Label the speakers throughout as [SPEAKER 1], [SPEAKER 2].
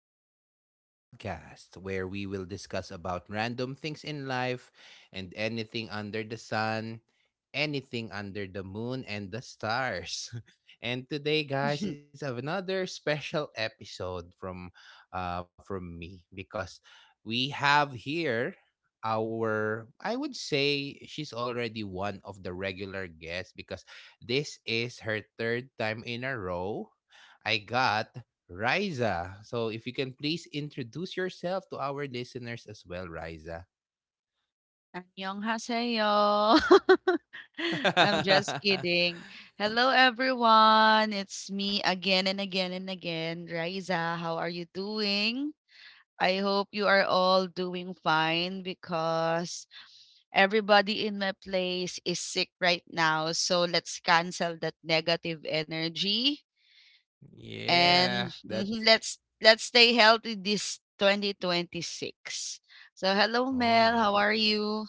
[SPEAKER 1] back again to Mel's podcast, where we will discuss about random things in life and anything under the sun, anything under the moon, and the stars. And today, guys, it's another special episode from me because we have here our I would say she's already one of the regular guests because this is her third time in a row. I got Riza. So if you can please introduce yourself to our listeners as well, Riza.
[SPEAKER 2] 안녕하세요. I'm just kidding. Hello, everyone. It's me again and again and again, Raiza. How are you doing? I hope you are all doing fine because everybody in my place is sick right now. So let's cancel that negative energy and
[SPEAKER 1] yeah, that's
[SPEAKER 2] let's stay healthy this 2026. So hello, Mel.
[SPEAKER 1] oh.
[SPEAKER 2] How are you?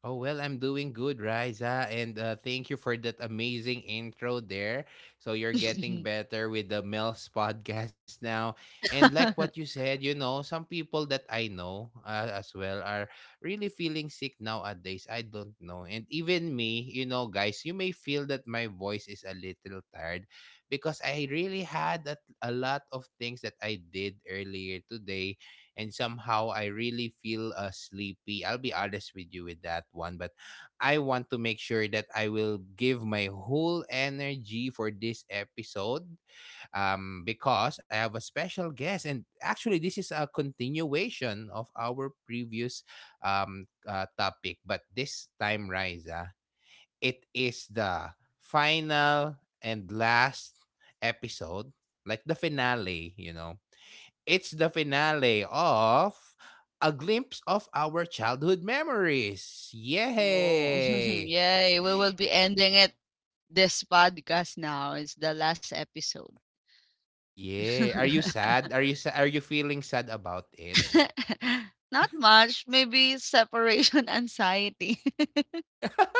[SPEAKER 1] Oh, well, I'm doing good, Riza. And thank you for that amazing intro there. So you're getting better with the Mel's podcast now. And like what you said, you know, some people that I know as well are really feeling sick nowadays. I don't know. And even me, you know, guys, you may feel that my voice is a little tired because I really had a lot of things that I did earlier today and somehow I really feel sleepy. I'll be honest with you with that one, but I want to make sure that I will give my whole energy for this episode because I have a special guest. And actually, this is a continuation of our previous topic, but this time, Riza, it is the final and last episode, like the finale, you know. It's the finale of A Glimpse of Our Childhood Memories.
[SPEAKER 2] Oh,
[SPEAKER 1] Yay!
[SPEAKER 2] yay. We will be ending it this podcast now. It's the last episode.
[SPEAKER 1] Yeah. Are you sad? Are you feeling sad about it?
[SPEAKER 2] Not much. Maybe separation anxiety.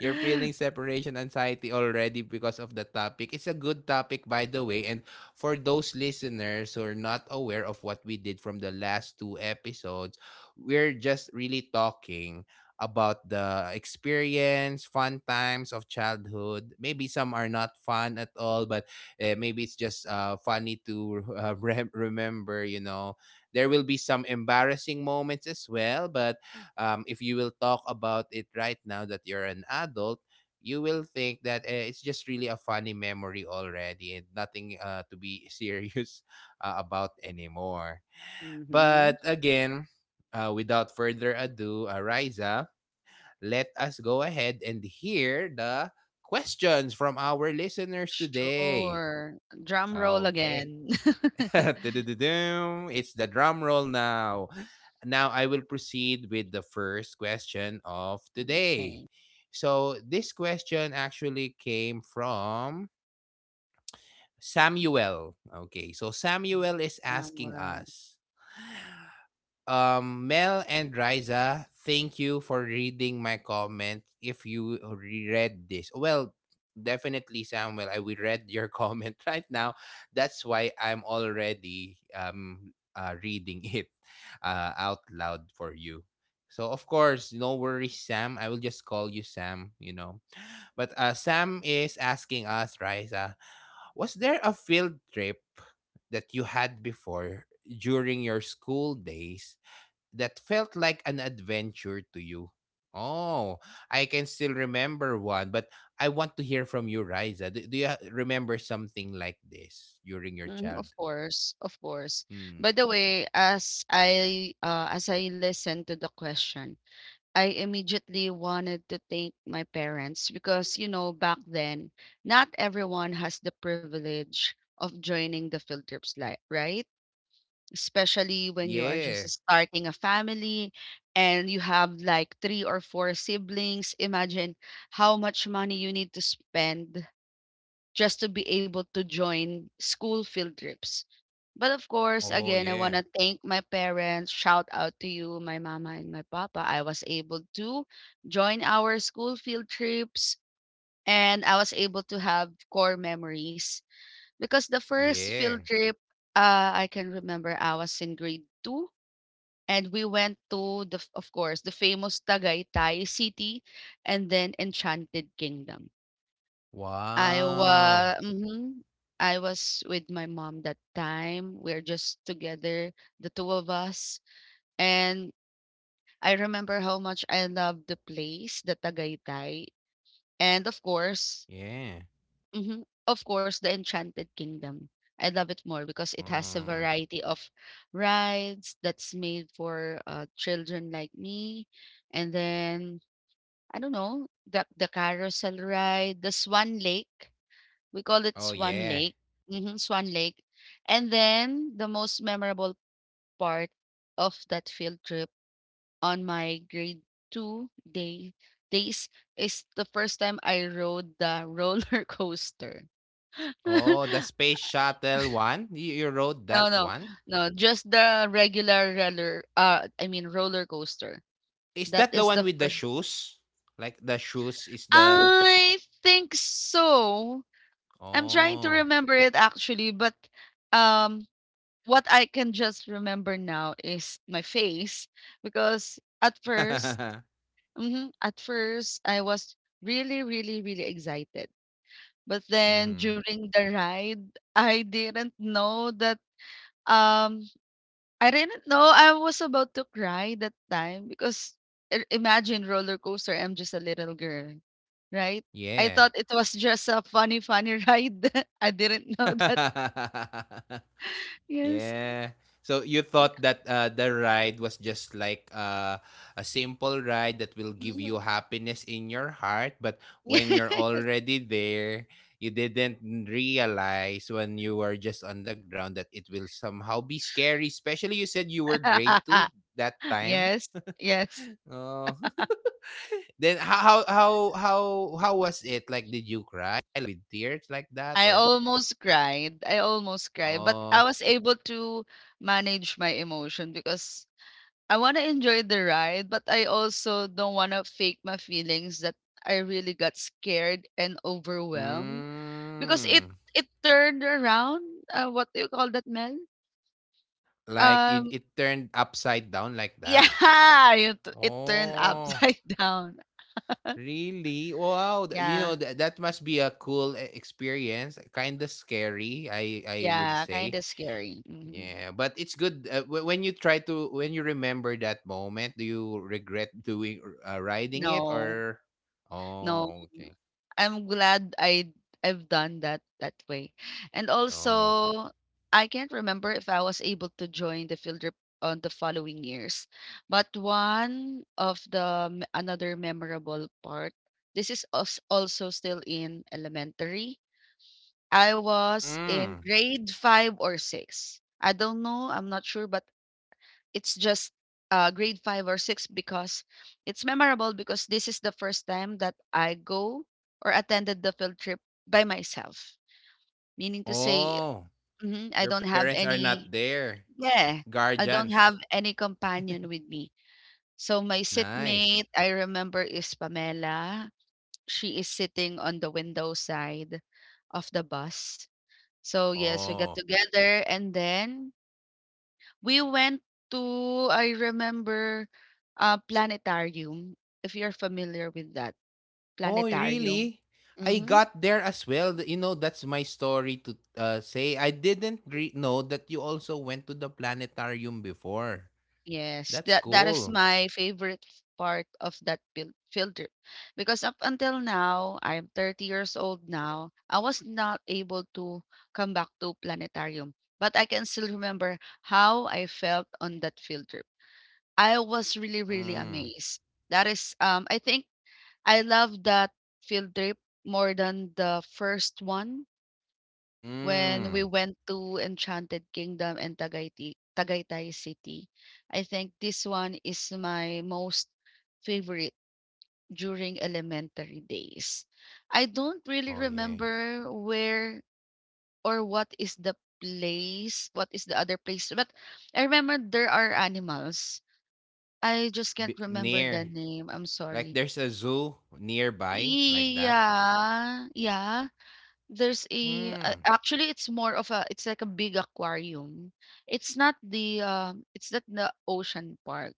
[SPEAKER 1] You're feeling separation anxiety already because of the topic. It's a good topic, by the way. And for those listeners who are not aware of what we did from the last two episodes, we're just really talking about the experience, fun times of childhood. Maybe some are not fun at all, but maybe it's just funny to remember, you know. There will be some embarrassing moments as well, but if you will talk about it right now that you're an adult, you will think that it's just really a funny memory already and nothing to be serious about anymore.
[SPEAKER 2] hmm
[SPEAKER 1] But again, without further ado, Riza, let us go ahead and hear the questions from our listeners today.
[SPEAKER 2] Sure. Drum roll
[SPEAKER 1] Okay.
[SPEAKER 2] again.
[SPEAKER 1] It's the drum roll now. Now I will proceed with the first question of today.
[SPEAKER 2] Okay.
[SPEAKER 1] So this question actually came from Samuel. Okay, so Samuel is asking
[SPEAKER 2] Wow.
[SPEAKER 1] us, Mel and Riza, thank you for reading my comment. If you reread this, well, definitely, Samuel, I will read your comment right now. That's why I'm already reading it out loud for you. So of course, no worries, Sam. I will just call you Sam. You know, but Sam is asking us, Riza, was there a field trip that you had before during your school days that felt like an adventure to you? Oh, I can still remember one, but I want to hear from you, Riza. Do you remember something like this during your
[SPEAKER 2] Mhm, of
[SPEAKER 1] childhood?
[SPEAKER 2] course, of course.
[SPEAKER 1] Hmm.
[SPEAKER 2] By the way, as I listen to the question, I immediately wanted to thank my parents because, you know, back then, not everyone has the privilege of joining the field trips, like, right? Especially when you are just
[SPEAKER 1] Yeah.
[SPEAKER 2] starting a family and you have like three or four siblings. Imagine how much money you need to spend just to be able to join school field trips. But of course,
[SPEAKER 1] Oh,
[SPEAKER 2] again, I want
[SPEAKER 1] yeah.
[SPEAKER 2] to thank my parents. Shout out to you, my mama and my papa. I was able to join our school field trips and I was able to have core memories because the first
[SPEAKER 1] Yeah.
[SPEAKER 2] field trip, I can remember I was in grade two and we went to the, of course, the famous Tagaytay City and then Enchanted Kingdom. I
[SPEAKER 1] Wow.
[SPEAKER 2] wa mhm. I was with my mom that time. We're just together, the two of us. And I remember how much I love the place, the Tagaytay. And of course,
[SPEAKER 1] Yeah.
[SPEAKER 2] mhm, of course, the Enchanted Kingdom. I love it more because it has a
[SPEAKER 1] Oh.
[SPEAKER 2] variety of rides that's made for children like me. And then, I don't know, the carousel ride, the Swan Lake. We call it
[SPEAKER 1] Oh,
[SPEAKER 2] Swan
[SPEAKER 1] yeah.
[SPEAKER 2] Lake. Mhm, Swan Lake. And then the most memorable part of that field trip on my grade two days is the first time I rode the roller coaster.
[SPEAKER 1] Oh, the space shuttle one. You rode
[SPEAKER 2] No,
[SPEAKER 1] that
[SPEAKER 2] no,
[SPEAKER 1] one?
[SPEAKER 2] no, just the regular roller. I mean roller coaster.
[SPEAKER 1] Is
[SPEAKER 2] That
[SPEAKER 1] that the
[SPEAKER 2] is
[SPEAKER 1] one
[SPEAKER 2] the
[SPEAKER 1] with the
[SPEAKER 2] first.
[SPEAKER 1] shoes? Like the shoes is the.
[SPEAKER 2] I think so. I'm trying to
[SPEAKER 1] Oh.
[SPEAKER 2] remember it actually, but um what I can just remember now is my face because at 1st
[SPEAKER 1] mm-hmm.
[SPEAKER 2] mhm, at first I was really, really, really excited. But then during the ride, I didn't know that um I didn't know I was about to cry that time because imagine roller coaster, I'm just a little girl, right? I
[SPEAKER 1] Yeah.
[SPEAKER 2] thought it was just a funny, funny ride. I didn't know that. Yes.
[SPEAKER 1] yeah. So you thought that the ride was just like a simple ride that will give you
[SPEAKER 2] Mhm.
[SPEAKER 1] happiness in your heart, but when you're
[SPEAKER 2] Yes.
[SPEAKER 1] already there, you didn't realize when you were just on the ground that it will somehow be scary. Especially you said you were grade two that time.
[SPEAKER 2] Yes, yes.
[SPEAKER 1] Oh. then how was it? Like, did you cry with tears like that
[SPEAKER 2] I
[SPEAKER 1] or?
[SPEAKER 2] almost cried. I almost cried, but I
[SPEAKER 1] Oh.
[SPEAKER 2] was able to manage my emotion because I want to enjoy the ride, but I also don't want to fake my feelings that I really got scared and overwhelmed because it
[SPEAKER 1] Mm.
[SPEAKER 2] it turned around. What do you call that, Mel?
[SPEAKER 1] Like
[SPEAKER 2] Um,
[SPEAKER 1] it turned upside down like that?
[SPEAKER 2] yeah, it turned
[SPEAKER 1] Oh,
[SPEAKER 2] upside down.
[SPEAKER 1] really? Wow. You
[SPEAKER 2] Yeah,
[SPEAKER 1] know, that must be a cool experience. Kind of scary, I would
[SPEAKER 2] yeah, kind
[SPEAKER 1] say.
[SPEAKER 2] of scary. Hmm
[SPEAKER 1] Yeah, but it's good when you try to when you remember that moment, do you regret doing riding it
[SPEAKER 2] No.
[SPEAKER 1] or
[SPEAKER 2] No.
[SPEAKER 1] Oh, okay.
[SPEAKER 2] I'm glad I've done that that way. And
[SPEAKER 1] Oh.
[SPEAKER 2] also, I can't remember if I was able to join the field trip on the following years. But one of the another memorable part, this is us also still in elementary. I was in
[SPEAKER 1] Mm.
[SPEAKER 2] grade 5 or 6. I don't know, I'm not sure, but it's just grade five or six because it's memorable because this is the first time that I go or attended the field trip by myself. Meaning to say,
[SPEAKER 1] Oh,
[SPEAKER 2] mhm, I
[SPEAKER 1] your
[SPEAKER 2] don't have
[SPEAKER 1] parents are
[SPEAKER 2] any,
[SPEAKER 1] not there.
[SPEAKER 2] yeah, I don't have
[SPEAKER 1] Guardians.
[SPEAKER 2] any companion with me. So my seatmate,
[SPEAKER 1] Nice.
[SPEAKER 2] I remember, is Pamela. She is sitting on the window side of the bus. So yes, we got
[SPEAKER 1] Oh.
[SPEAKER 2] together and then we went to, I remember, planetarium, if you're familiar with that,
[SPEAKER 1] Oh,
[SPEAKER 2] planetarium.
[SPEAKER 1] really? I
[SPEAKER 2] Mhm.
[SPEAKER 1] got there as well. You know, that's my story to say. I didn't know that you also went to the planetarium before.
[SPEAKER 2] Yes,
[SPEAKER 1] That's
[SPEAKER 2] that is
[SPEAKER 1] cool.
[SPEAKER 2] my favorite part of that field trip because up until now, I'm 30 years old now. I was not able to come back to planetarium, but I can still remember how I felt on that field trip. I was really, really
[SPEAKER 1] Mm.
[SPEAKER 2] amazed. That is, I think I love that field trip more than the first one when we
[SPEAKER 1] Mm.
[SPEAKER 2] went to Enchanted Kingdom and Tagaytay, Tagaytay City. I think this one is my most favorite during elementary days. I don't really
[SPEAKER 1] Oh, yeah.
[SPEAKER 2] remember where or what is the place, what is the other place, but I remember there are animals. I just can't
[SPEAKER 1] B-
[SPEAKER 2] remember the
[SPEAKER 1] near.
[SPEAKER 2] name. I'm
[SPEAKER 1] Like
[SPEAKER 2] sorry.
[SPEAKER 1] there's a zoo nearby, like that.
[SPEAKER 2] Yeah, yeah. There's a
[SPEAKER 1] Mm.
[SPEAKER 2] actually, it's more of a it's like a big aquarium. It's not the ocean park,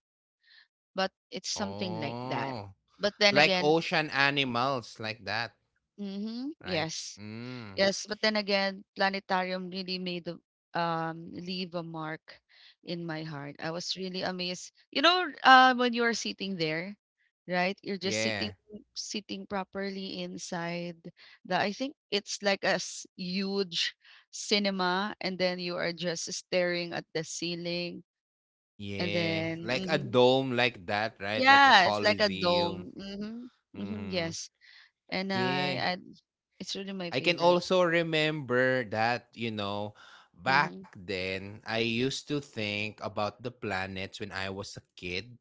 [SPEAKER 2] but it's something like that.
[SPEAKER 1] Oh.
[SPEAKER 2] But then
[SPEAKER 1] Like
[SPEAKER 2] again
[SPEAKER 1] ocean animals, like that,
[SPEAKER 2] mhm,
[SPEAKER 1] right?
[SPEAKER 2] yes.
[SPEAKER 1] Mm.
[SPEAKER 2] Yes, but then again, planetarium really made a leave a mark in my heart. I was really amazed. You know, when you are sitting there, right? You're just sitting
[SPEAKER 1] Yeah.
[SPEAKER 2] sitting properly inside the I think it's like a huge cinema and then you are just staring at the ceiling and
[SPEAKER 1] Yeah.
[SPEAKER 2] then
[SPEAKER 1] Like a
[SPEAKER 2] mhm.
[SPEAKER 1] dome, like that, right? Like a
[SPEAKER 2] yeah, it's like a
[SPEAKER 1] coliseum.
[SPEAKER 2] dome. Hmm hmm
[SPEAKER 1] Mm-hmm.
[SPEAKER 2] yes. And
[SPEAKER 1] Yeah.
[SPEAKER 2] I it's really my
[SPEAKER 1] I can
[SPEAKER 2] favorite.
[SPEAKER 1] also remember that, you know, back
[SPEAKER 2] Mm-hmm.
[SPEAKER 1] then I used to think about the planets when I was a kid.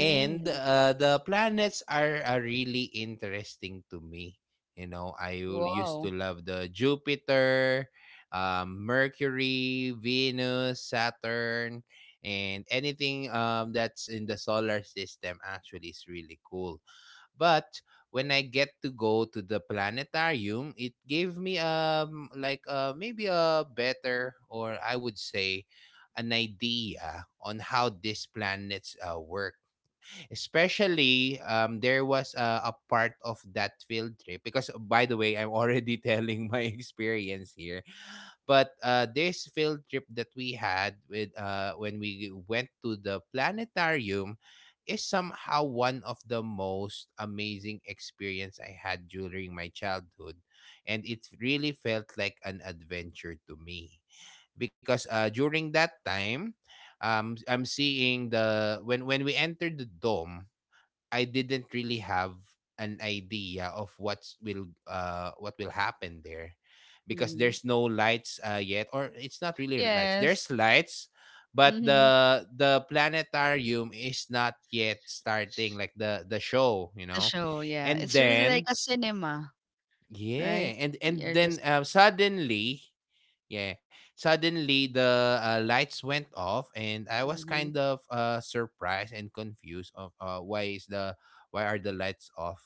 [SPEAKER 1] And the planets are really interesting to me. You know, used to
[SPEAKER 2] Wow.
[SPEAKER 1] love the Jupiter, Mercury, Venus, Saturn, and anything that's in the solar system actually is really cool, but when I get to go to the planetarium, it gave me maybe a better, or I would say an idea on how these planets work. Especially there was a part of that field trip because by the way, I'm already telling my experience here. But this field trip that we had with when we went to the planetarium is somehow one of the most amazing experience I had during my childhood, and it really felt like an adventure to me because during that time, I'm seeing the when we entered the dome I didn't really have an idea of what's will what will happen there because
[SPEAKER 2] Mhm.
[SPEAKER 1] there's no lights yet, or it's not really lights, there's
[SPEAKER 2] Yes.
[SPEAKER 1] lights but
[SPEAKER 2] Mhm.
[SPEAKER 1] the planetarium is not yet starting like the show, you
[SPEAKER 2] The
[SPEAKER 1] know,
[SPEAKER 2] show, yeah.
[SPEAKER 1] and
[SPEAKER 2] It's really like
[SPEAKER 1] then
[SPEAKER 2] a cinema,
[SPEAKER 1] yeah
[SPEAKER 2] right?
[SPEAKER 1] and
[SPEAKER 2] You're
[SPEAKER 1] then
[SPEAKER 2] just
[SPEAKER 1] suddenly yeah. Suddenly the lights went off and I was kind
[SPEAKER 2] mhm.
[SPEAKER 1] of surprised and confused of why is the why are the lights off?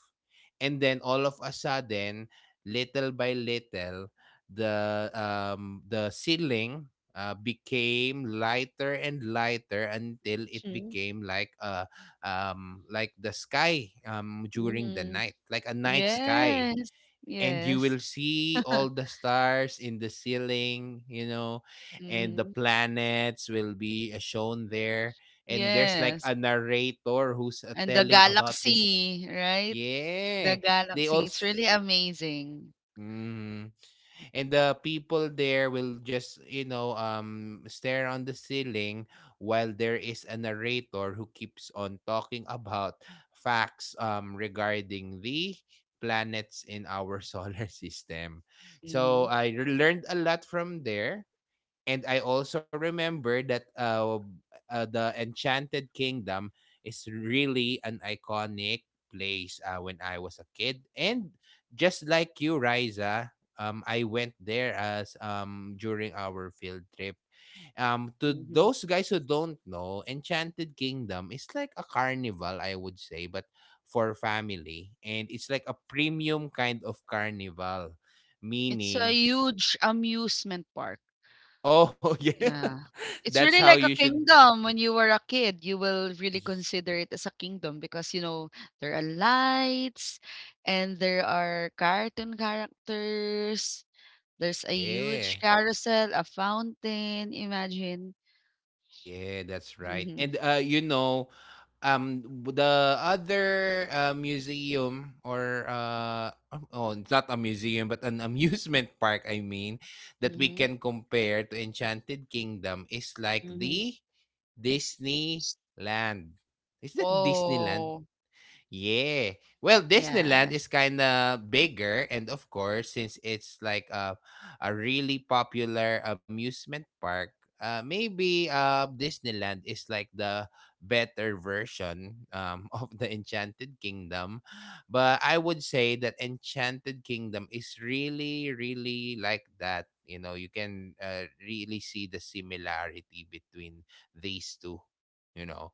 [SPEAKER 1] And then all of a sudden, little by little, the ceiling became lighter and lighter until it
[SPEAKER 2] Mhm.
[SPEAKER 1] became like the sky during the
[SPEAKER 2] Mhm.
[SPEAKER 1] night, like a night sky,
[SPEAKER 2] Yes.
[SPEAKER 1] and you
[SPEAKER 2] Yes.
[SPEAKER 1] will see all the stars in the ceiling, you know, and the
[SPEAKER 2] Mhm.
[SPEAKER 1] planets will be shown there. And there's like
[SPEAKER 2] Yes.
[SPEAKER 1] a narrator who's
[SPEAKER 2] And the
[SPEAKER 1] telling about this.
[SPEAKER 2] galaxy, right? The
[SPEAKER 1] Yeah, they
[SPEAKER 2] galaxy. It's
[SPEAKER 1] also.
[SPEAKER 2] really amazing.
[SPEAKER 1] Mhm. And the people there will just, you know, stare on the ceiling while there is a narrator who keeps on talking about facts regarding the planets in our solar system. So
[SPEAKER 2] Mhm.
[SPEAKER 1] I learned a lot from there. And I also remember that the Enchanted Kingdom is really an iconic place when I was a kid. And just like you, Riza, I went there as during our field trip. To
[SPEAKER 2] Mhm.
[SPEAKER 1] those guys who don't know, Enchanted Kingdom is like a carnival, I would say, but for family, and it's like a premium kind of carnival,
[SPEAKER 2] It's a
[SPEAKER 1] meaning,
[SPEAKER 2] huge amusement park.
[SPEAKER 1] oh yeah,
[SPEAKER 2] Yeah. It's
[SPEAKER 1] that's how
[SPEAKER 2] really
[SPEAKER 1] you
[SPEAKER 2] like a
[SPEAKER 1] should
[SPEAKER 2] kingdom. When you were a kid, you will really
[SPEAKER 1] Y-
[SPEAKER 2] consider it as a kingdom because, you know, there are lights and there are cartoon characters. There's a huge
[SPEAKER 1] Yeah.
[SPEAKER 2] carousel, a fountain. Imagine.
[SPEAKER 1] Yeah, that's right.
[SPEAKER 2] Mhm.
[SPEAKER 1] And you know, the other museum or oh, it's not a museum but an amusement park I mean that we
[SPEAKER 2] Mhm.
[SPEAKER 1] can compare to Enchanted Kingdom is like
[SPEAKER 2] Mhm.
[SPEAKER 1] the Disneyland. Is that Disneyland?
[SPEAKER 2] Oh,
[SPEAKER 1] Yeah. Well, Disneyland
[SPEAKER 2] yes.
[SPEAKER 1] is kind of bigger and of course since it's like a really popular amusement park, maybe Disneyland is like the better version of the Enchanted Kingdom. But I would say that Enchanted Kingdom is really really like that. You know, you can really see the similarity between these two, you know.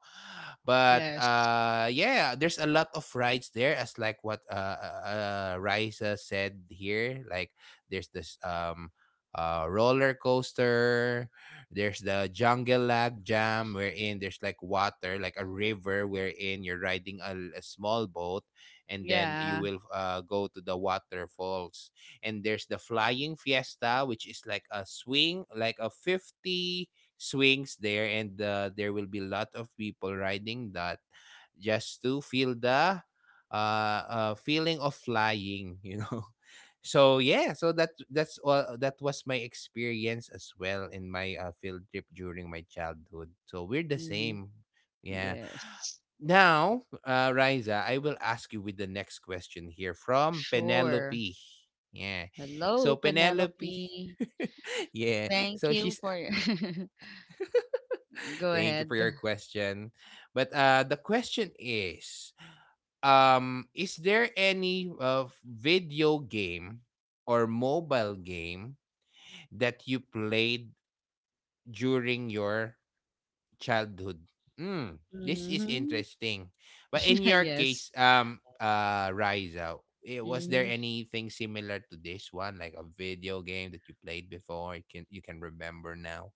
[SPEAKER 1] But
[SPEAKER 2] Yes.
[SPEAKER 1] yeah, there's a lot of rides there as like what Raisa said here, like there's this roller coaster, there's the jungle lag jam wherein there's like water, like a river wherein you're riding a small boat and then you
[SPEAKER 2] Yeah.
[SPEAKER 1] will go to the waterfalls, and there's the flying fiesta which is like a swing, like a 50 swings there, and there will be a lot of people riding that just to feel the feeling of flying, you know. So yeah, so that's all, that was my experience as well in my field trip during my childhood, so we're the
[SPEAKER 2] Mhm.
[SPEAKER 1] same, yeah.
[SPEAKER 2] Yes.
[SPEAKER 1] Now Riza, I will ask you with the next question here from
[SPEAKER 2] Sure.
[SPEAKER 1] Penelope. Yeah, so
[SPEAKER 2] Hello,
[SPEAKER 1] Penelope
[SPEAKER 2] Penelope.
[SPEAKER 1] yeah,
[SPEAKER 2] Thank
[SPEAKER 1] so
[SPEAKER 2] you
[SPEAKER 1] she's
[SPEAKER 2] for Go
[SPEAKER 1] Thank you for
[SPEAKER 2] ahead.
[SPEAKER 1] your question. But the question is there any video game or mobile game that you played during your childhood? Mm, this is
[SPEAKER 2] Mhm.
[SPEAKER 1] interesting. But in your
[SPEAKER 2] Yes.
[SPEAKER 1] case Riza, eh, was there
[SPEAKER 2] Mhm.
[SPEAKER 1] anything similar to this one like a video game that you played before you can remember now?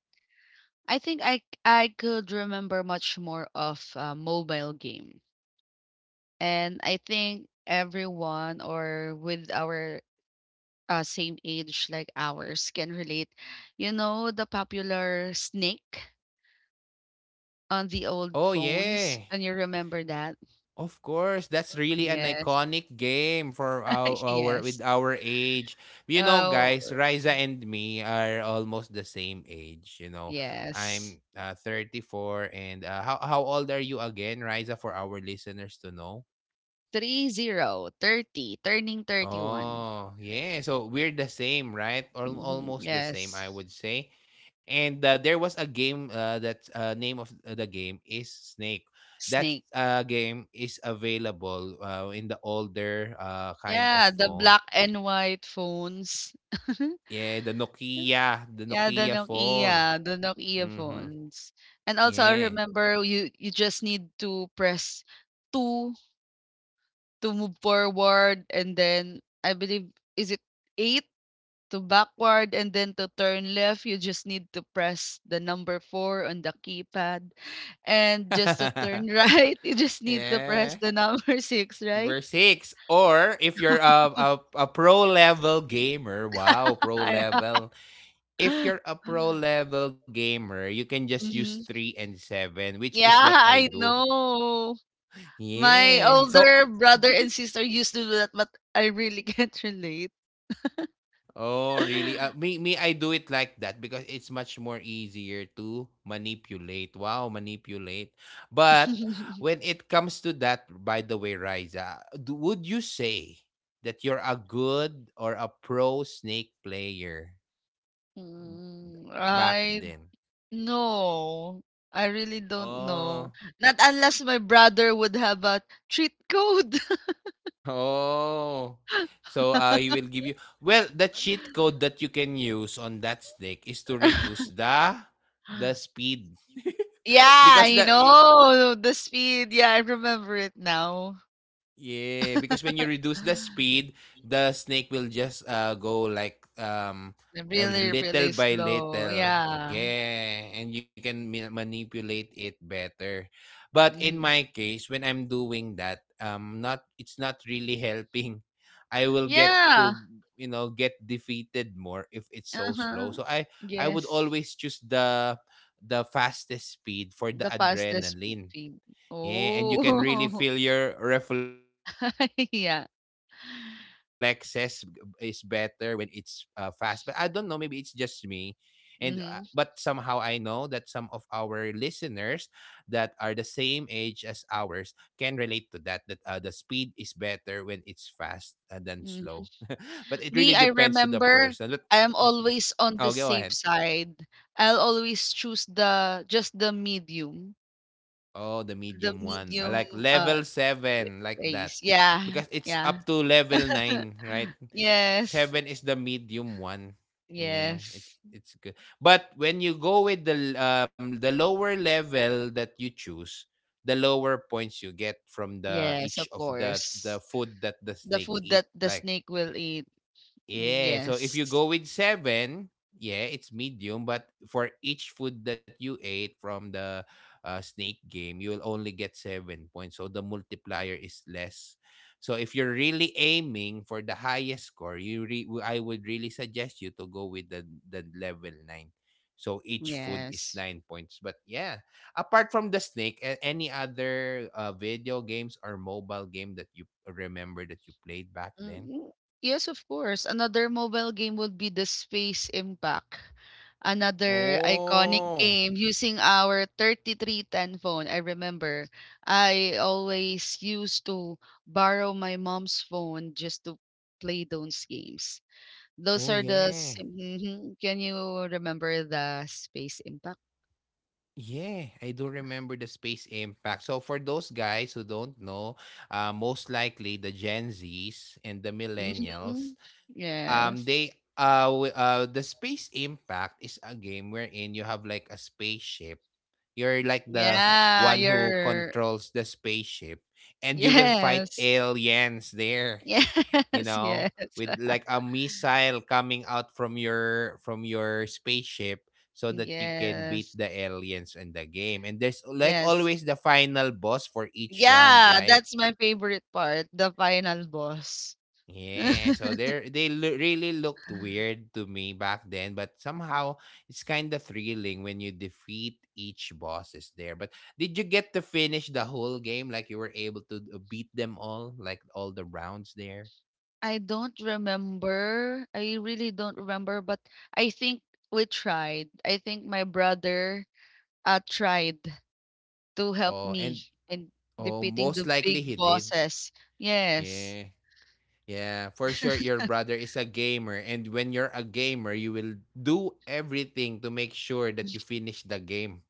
[SPEAKER 2] I think I c- I could remember much more of a mobile game. And I think everyone or with our same age like ours can relate. You know the popular snake on the old
[SPEAKER 1] Oh
[SPEAKER 2] phones?
[SPEAKER 1] yeah.
[SPEAKER 2] Can you remember that?
[SPEAKER 1] Of course, that's really an
[SPEAKER 2] Yes.
[SPEAKER 1] iconic game for our with
[SPEAKER 2] Yes.
[SPEAKER 1] our age. You know,
[SPEAKER 2] Oh,
[SPEAKER 1] guys, Riza and me are almost the same age. You know,
[SPEAKER 2] yes.
[SPEAKER 1] I'm four and uh, how old are you again, Riza, for our listeners to know?
[SPEAKER 2] Three zero thirty, turning 31.
[SPEAKER 1] Oh, yeah. So we're the same, right? Or
[SPEAKER 2] Mhm.
[SPEAKER 1] almost the same, I
[SPEAKER 2] Yes.
[SPEAKER 1] would say. And there was a game that name of the game is Snake. That
[SPEAKER 2] Snake.
[SPEAKER 1] game is available in the older kind of
[SPEAKER 2] Yeah, the
[SPEAKER 1] phone.
[SPEAKER 2] black and white phones.
[SPEAKER 1] Yeah, the Nokia, the
[SPEAKER 2] Yeah,
[SPEAKER 1] Nokia phone.
[SPEAKER 2] The Nokia
[SPEAKER 1] Mm-hmm.
[SPEAKER 2] phones. And also I
[SPEAKER 1] Yeah.
[SPEAKER 2] remember you just need to press 2 to move forward and then I believe is it 8 to backward and then to turn left you just need to press the number 4 on the keypad and just to turn right you just need to
[SPEAKER 1] yeah.
[SPEAKER 2] press the number 6, right?
[SPEAKER 1] Verse 6. Or if you're a pro level gamer. Wow, pro level. If you're a pro level gamer, you can just use
[SPEAKER 2] Mhm.
[SPEAKER 1] 3 and 7, which is
[SPEAKER 2] Yeah,
[SPEAKER 1] what I
[SPEAKER 2] I
[SPEAKER 1] do.
[SPEAKER 2] know. My
[SPEAKER 1] Yeah. So
[SPEAKER 2] older brother and sister used to do that, but I really can't relate.
[SPEAKER 1] oh, really? Me I do it like that because it's much more easier to manipulate. Wow, manipulate. But when it comes to that, by the way, Riza, would you say that you're a good or a pro snake player back
[SPEAKER 2] I
[SPEAKER 1] then?
[SPEAKER 2] no. I really don't know.
[SPEAKER 1] No.
[SPEAKER 2] Not unless my brother would have a treat code.
[SPEAKER 1] Oh. So, he will give you, well, the cheat code that you can use on that snake is to reduce the speed
[SPEAKER 2] Yeah,
[SPEAKER 1] because
[SPEAKER 2] I
[SPEAKER 1] the,
[SPEAKER 2] know the speed. Yeah, I remember it now.
[SPEAKER 1] yeah, because when you reduce the speed, the snake will just go like
[SPEAKER 2] Really,
[SPEAKER 1] little
[SPEAKER 2] really
[SPEAKER 1] by
[SPEAKER 2] slow.
[SPEAKER 1] little.
[SPEAKER 2] Yeah.
[SPEAKER 1] Yeah, and you can manipulate it better. But in
[SPEAKER 2] Mhm.
[SPEAKER 1] my case, when I'm doing that, not, it's not really helping. I will get
[SPEAKER 2] Yeah.
[SPEAKER 1] to, you know, get defeated more if it's so slow.
[SPEAKER 2] Uh-huh.
[SPEAKER 1] So I would
[SPEAKER 2] Yes.
[SPEAKER 1] always choose the fastest speed for the
[SPEAKER 2] The fastest fe
[SPEAKER 1] adrenaline.
[SPEAKER 2] feed.
[SPEAKER 1] Yeah, and you can really
[SPEAKER 2] Oh,
[SPEAKER 1] feel your reflexes is
[SPEAKER 2] yeah.
[SPEAKER 1] better when it's fast. But I don't know, maybe it's just me. And but somehow I know that some of
[SPEAKER 2] Mhm,
[SPEAKER 1] our listeners that are the same age as ours can relate to that, that the speed is better when it's fast than slow. but it
[SPEAKER 2] mhm.
[SPEAKER 1] really depends to the
[SPEAKER 2] Me, I
[SPEAKER 1] person. But
[SPEAKER 2] remember I am
[SPEAKER 1] oh, go
[SPEAKER 2] always
[SPEAKER 1] ahead.
[SPEAKER 2] on the safe side. I'll always choose the just
[SPEAKER 1] Oh, the
[SPEAKER 2] the
[SPEAKER 1] medium one. I
[SPEAKER 2] medium,
[SPEAKER 1] like
[SPEAKER 2] uh,
[SPEAKER 1] level
[SPEAKER 2] w
[SPEAKER 1] seven like that.
[SPEAKER 2] ways. Yeah,
[SPEAKER 1] Because it's
[SPEAKER 2] yeah.
[SPEAKER 1] up to level nine, right?
[SPEAKER 2] Yes,
[SPEAKER 1] Seven is the medium one. Yeah, it,
[SPEAKER 2] yes.
[SPEAKER 1] it's good. But when you go with the lower level that you choose, the lower points you get from the
[SPEAKER 2] Yes,
[SPEAKER 1] each
[SPEAKER 2] of
[SPEAKER 1] of the
[SPEAKER 2] course.
[SPEAKER 1] food that the
[SPEAKER 2] The
[SPEAKER 1] snake
[SPEAKER 2] food
[SPEAKER 1] eat.
[SPEAKER 2] that the
[SPEAKER 1] Like,
[SPEAKER 2] snake will eat. Mm,
[SPEAKER 1] yeah. So if you
[SPEAKER 2] yes,
[SPEAKER 1] go with seven, yeah, it's medium. But for each food that you ate from the snake game, you will only get 7 points. So the multiplier is less. So if you're really aiming for the highest score, you I would really suggest you to go with the level nine. So each food is
[SPEAKER 2] yes.
[SPEAKER 1] 9 points. But yeah, apart from the snake, any other video games or mobile game that you remember that you played back then?
[SPEAKER 2] Mm, yes, of course. Another mobile game would be the Space Impact. Another iconic
[SPEAKER 1] Oh,
[SPEAKER 2] game using our 3310 phone. I remember I always used to borrow my mom's phone just to play those games. Those
[SPEAKER 1] oh
[SPEAKER 2] are the
[SPEAKER 1] yeah.
[SPEAKER 2] Can you remember the Space Impact?
[SPEAKER 1] Yeah, I do remember the space impact. So for those guys who don't know, most likely the Gen Zs and the millennials,
[SPEAKER 2] Hmm
[SPEAKER 1] um,
[SPEAKER 2] Yes.
[SPEAKER 1] they the space impact is a game wherein you have like a spaceship. You're like the
[SPEAKER 2] Yeah,
[SPEAKER 1] one who
[SPEAKER 2] you're
[SPEAKER 1] controls the spaceship, and you will fight
[SPEAKER 2] yes.
[SPEAKER 1] aliens there. You
[SPEAKER 2] Yes,
[SPEAKER 1] know,
[SPEAKER 2] yes.
[SPEAKER 1] with like a missile coming out from your spaceship so that you can beat
[SPEAKER 2] Yes,
[SPEAKER 1] the aliens in the game. And there's like
[SPEAKER 2] yes.
[SPEAKER 1] always the final boss for each round,
[SPEAKER 2] Yeah,
[SPEAKER 1] right?
[SPEAKER 2] that's my favorite part, the final boss.
[SPEAKER 1] Yeah, so they're really looked weird to me back then, but somehow it's kind of thrilling when you defeat each bosses there. But did you get to finish the whole game? Like you were able to beat them all, like all the rounds there?
[SPEAKER 2] I don't remember. I really don't remember, but I think we tried. I think my brother tried to help
[SPEAKER 1] Oh,
[SPEAKER 2] me
[SPEAKER 1] and
[SPEAKER 2] in
[SPEAKER 1] oh,
[SPEAKER 2] defeating the
[SPEAKER 1] most likely
[SPEAKER 2] big
[SPEAKER 1] he did.
[SPEAKER 2] bosses. Yes,
[SPEAKER 1] Yeah. Yeah, for sure your brother is a gamer, and when you're a gamer, you will do everything to make sure that you finish the game.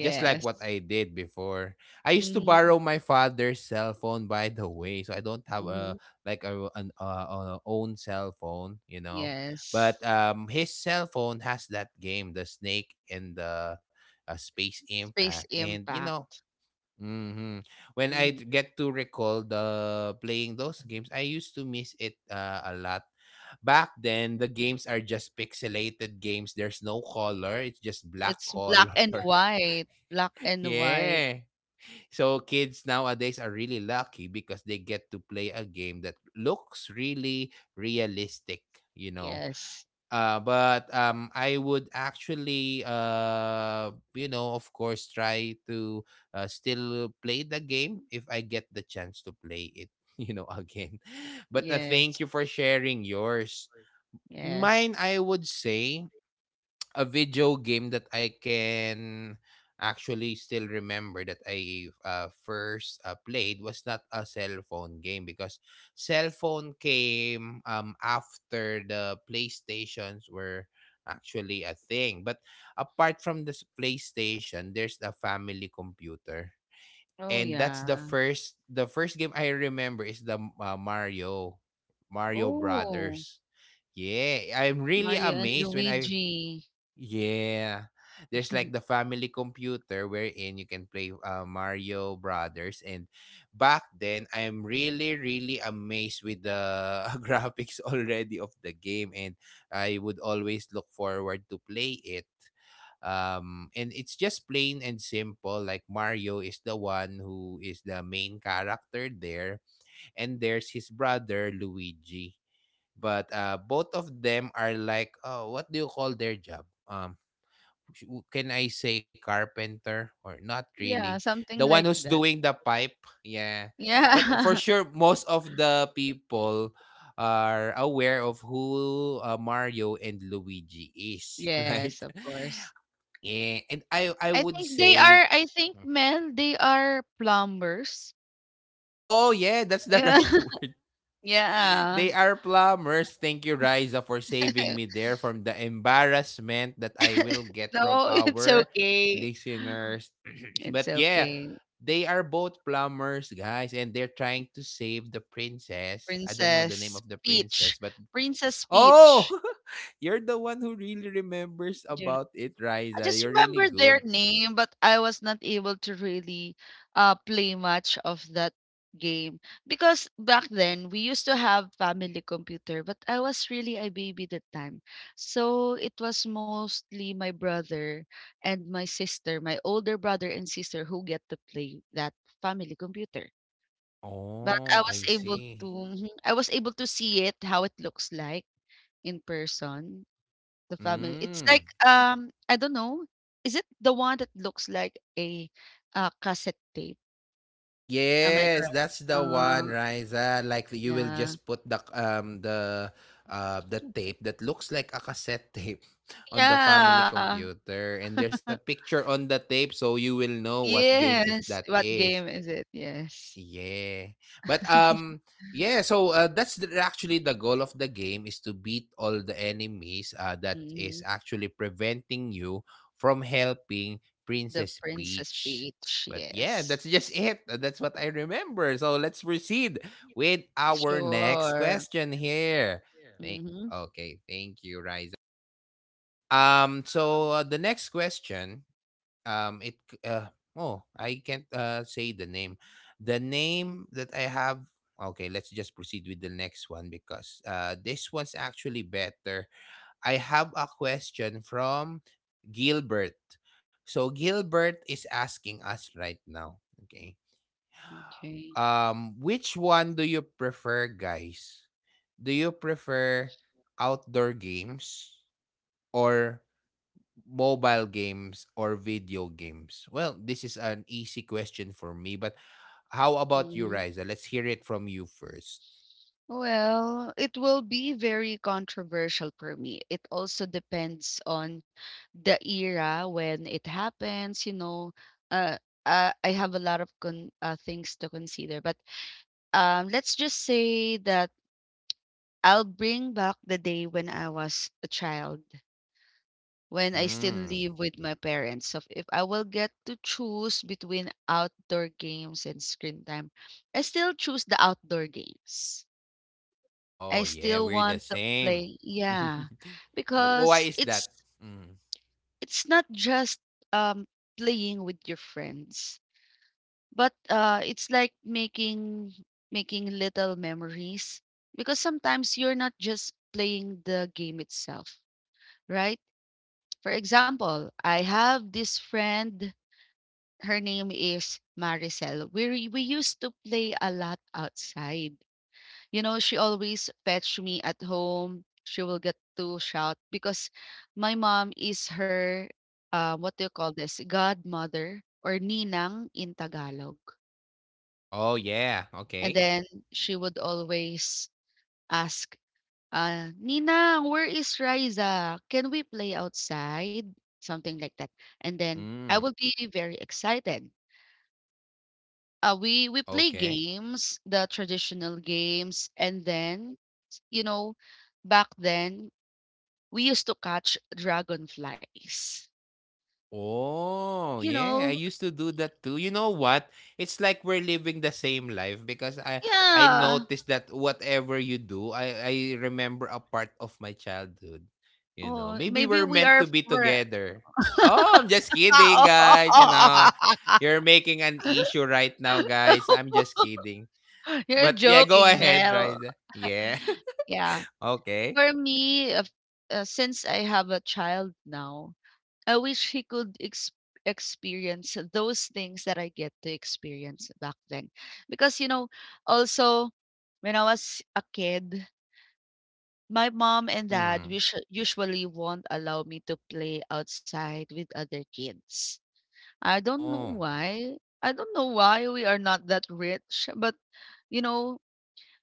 [SPEAKER 1] Just like what I did before. I used to
[SPEAKER 2] Mm-hmm.
[SPEAKER 1] borrow my father's cell phone, by the way, so I don't have a
[SPEAKER 2] Mm-hmm.
[SPEAKER 1] like a, an own cell phone, you know. But
[SPEAKER 2] Yes.
[SPEAKER 1] his cell phone has that game, the Snake and the Space Impact.
[SPEAKER 2] Space
[SPEAKER 1] And you know,
[SPEAKER 2] Impact.
[SPEAKER 1] hmm, when I
[SPEAKER 2] Mm-hmm.
[SPEAKER 1] t get to recall the playing those games, I used to miss it, a lot. Back then, the games are just pixelated games, there's no color, it's just black
[SPEAKER 2] It's black
[SPEAKER 1] color.
[SPEAKER 2] and white. Black and
[SPEAKER 1] Yeah.
[SPEAKER 2] white.
[SPEAKER 1] So kids nowadays are really lucky because they get to play a game that looks really realistic, you know?
[SPEAKER 2] Yes.
[SPEAKER 1] But I would actually, you know, of course, try to still play the game if I get the chance to play it, you know, again. But thank
[SPEAKER 2] Yes.
[SPEAKER 1] you for
[SPEAKER 2] Thank you for
[SPEAKER 1] sharing
[SPEAKER 2] sharing
[SPEAKER 1] yours.
[SPEAKER 2] yours. Yes.
[SPEAKER 1] Mine, I would say, a video game that I can actually still remember that I first played was not a cell phone game because cell phone came after the PlayStations were actually a thing. But apart from this PlayStation, there's the family computer.
[SPEAKER 2] Oh
[SPEAKER 1] And that's the
[SPEAKER 2] yeah.
[SPEAKER 1] first the first game I remember is the uh, Mario
[SPEAKER 2] Oh,
[SPEAKER 1] Brothers. Yeah, I'm really
[SPEAKER 2] Mario and
[SPEAKER 1] amazed when I,
[SPEAKER 2] Luigi.
[SPEAKER 1] yeah. There's like the family computer wherein you can play Mario Brothers, and back then I'm really really amazed with the graphics already of the game, and I would always look forward to play it. And it's just plain and simple, like Mario is the one who is the main character there, and there's his brother Luigi. But uh, both of them are like, oh, what do you call their job? Can I say carpenter or not really?
[SPEAKER 2] Yeah,
[SPEAKER 1] The
[SPEAKER 2] something
[SPEAKER 1] one
[SPEAKER 2] like
[SPEAKER 1] who's
[SPEAKER 2] that.
[SPEAKER 1] doing the pipe, yeah. But for
[SPEAKER 2] Yeah.
[SPEAKER 1] sure, most of the people are aware of who Mario and Luigi is, right?
[SPEAKER 2] Yes, of course.
[SPEAKER 1] Yeah, and I
[SPEAKER 2] I
[SPEAKER 1] would
[SPEAKER 2] think they
[SPEAKER 1] say,
[SPEAKER 2] are, I think,
[SPEAKER 1] hmm,
[SPEAKER 2] Mel, they are plumbers.
[SPEAKER 1] oh yeah, that's the
[SPEAKER 2] Yeah.
[SPEAKER 1] right word.
[SPEAKER 2] Yeah.
[SPEAKER 1] They are plumbers. Thank you, Riza, for saving me there from the embarrassment that I will get from
[SPEAKER 2] No, it's
[SPEAKER 1] our
[SPEAKER 2] okay.
[SPEAKER 1] listeners. but
[SPEAKER 2] It's
[SPEAKER 1] yeah,
[SPEAKER 2] okay.
[SPEAKER 1] they are both plumbers, guys, and they're trying to save the princess. I don't know the name
[SPEAKER 2] Princess
[SPEAKER 1] of the princess,
[SPEAKER 2] Peach.
[SPEAKER 1] but
[SPEAKER 2] Princess
[SPEAKER 1] oh,
[SPEAKER 2] Peach.
[SPEAKER 1] you're the one who really remembers
[SPEAKER 2] Do you
[SPEAKER 1] about it,
[SPEAKER 2] I
[SPEAKER 1] Riza.
[SPEAKER 2] just
[SPEAKER 1] You're really
[SPEAKER 2] remember their
[SPEAKER 1] good.
[SPEAKER 2] name, but I was not able to really play much of that game because back then we used to have family computer, but I was really a baby that time. So it was mostly my brother and my sister, my older brother and sister who get to play that family computer. But I
[SPEAKER 1] Oh, I
[SPEAKER 2] was able to
[SPEAKER 1] see.
[SPEAKER 2] I was able to see it how it looks like in person. The family it's
[SPEAKER 1] Mm.
[SPEAKER 2] like, I don't know, is it the one that looks like a, cassette tape? Am I
[SPEAKER 1] Yes,
[SPEAKER 2] correct?
[SPEAKER 1] that's the one,
[SPEAKER 2] Uh,
[SPEAKER 1] Riza. Like you will
[SPEAKER 2] yeah.
[SPEAKER 1] just put the tape that looks like a cassette tape on the family
[SPEAKER 2] Yeah.
[SPEAKER 1] computer, and there's a picture on the tape so you will know what game is
[SPEAKER 2] Yes.
[SPEAKER 1] that
[SPEAKER 2] What
[SPEAKER 1] is.
[SPEAKER 2] game is it? Yes.
[SPEAKER 1] Yeah. But yeah, so that's the, actually the goal of the game is to beat all the enemies that is
[SPEAKER 2] Mhm.
[SPEAKER 1] actually preventing you from helping
[SPEAKER 2] The
[SPEAKER 1] Princess
[SPEAKER 2] Princess
[SPEAKER 1] Peach.
[SPEAKER 2] Peach,
[SPEAKER 1] But yeah, that's
[SPEAKER 2] yes.
[SPEAKER 1] just it. That's what I remember. So let's proceed with our next
[SPEAKER 2] Sure.
[SPEAKER 1] question here. Thank-
[SPEAKER 2] Mhm.
[SPEAKER 1] okay, thank you, Riza. The next question, oh, I can't say the name. The name that I have. Okay, let's just proceed with the next one because uh, this one's actually better. I have a question from Gilbert. So Gilbert is asking us right now. Okay.
[SPEAKER 2] Okay.
[SPEAKER 1] Which one do you prefer, guys? Do you prefer outdoor games or mobile games or video games? Well, this is an easy question for me, but how about you,
[SPEAKER 2] Mhm.
[SPEAKER 1] Riza? Let's hear it from you first.
[SPEAKER 2] Well, it will be very controversial for me. It also depends on the era when it happens, you know. Uh, I have a lot of con things to consider, but let's just say that I'll bring back the day when I was a child, when I still
[SPEAKER 1] Mm.
[SPEAKER 2] live with my parents. So if I will get to choose between outdoor games and screen time, I still choose the outdoor games. I
[SPEAKER 1] Oh, yeah,
[SPEAKER 2] still
[SPEAKER 1] we're the
[SPEAKER 2] want to
[SPEAKER 1] same.
[SPEAKER 2] play. Yeah.
[SPEAKER 1] but why
[SPEAKER 2] Because
[SPEAKER 1] is
[SPEAKER 2] it's
[SPEAKER 1] that? Mm.
[SPEAKER 2] it's not just um playing with your friends, but it's like making little memories because sometimes you're not just playing the game itself, right? For example, I have this friend, her name is Maricel. We used to play a lot outside. You know, she always fetch me at home. She will get to shout because my mom is her, what do you call this, godmother or ninang in Tagalog.
[SPEAKER 1] Oh, yeah.
[SPEAKER 2] And
[SPEAKER 1] Okay.
[SPEAKER 2] then she would always ask, Ninang, where is Riza? Can we play outside? Something like that. And then I
[SPEAKER 1] Mm.
[SPEAKER 2] would be very excited. We play
[SPEAKER 1] Okay.
[SPEAKER 2] games, the traditional games, and then you know, back then we used to catch dragonflies.
[SPEAKER 1] Oh,
[SPEAKER 2] You
[SPEAKER 1] yeah, I
[SPEAKER 2] know?
[SPEAKER 1] used to do that too. You know what? It's like we're living the same life because I
[SPEAKER 2] Yeah.
[SPEAKER 1] noticed that whatever you do, I remember a part of my childhood. You know,
[SPEAKER 2] Oh,
[SPEAKER 1] maybe
[SPEAKER 2] maybe
[SPEAKER 1] we're
[SPEAKER 2] we
[SPEAKER 1] meant
[SPEAKER 2] are
[SPEAKER 1] to be
[SPEAKER 2] for
[SPEAKER 1] together. Oh, I'm just kidding, guys. You know, you're making an issue right now, guys. I'm just kidding.
[SPEAKER 2] You're
[SPEAKER 1] But yeah, go
[SPEAKER 2] joking,
[SPEAKER 1] ahead,
[SPEAKER 2] Mel.
[SPEAKER 1] Riza. Yeah.
[SPEAKER 2] Yeah.
[SPEAKER 1] okay.
[SPEAKER 2] For me, since I have a child now, I wish he could experience those things that I get to experience back then. Because, also when I was a kid, my mom and dad
[SPEAKER 1] Mm.
[SPEAKER 2] usually won't allow me to play outside with other kids. I don't know
[SPEAKER 1] Oh.
[SPEAKER 2] why. I don't know why we are not that rich, but you know,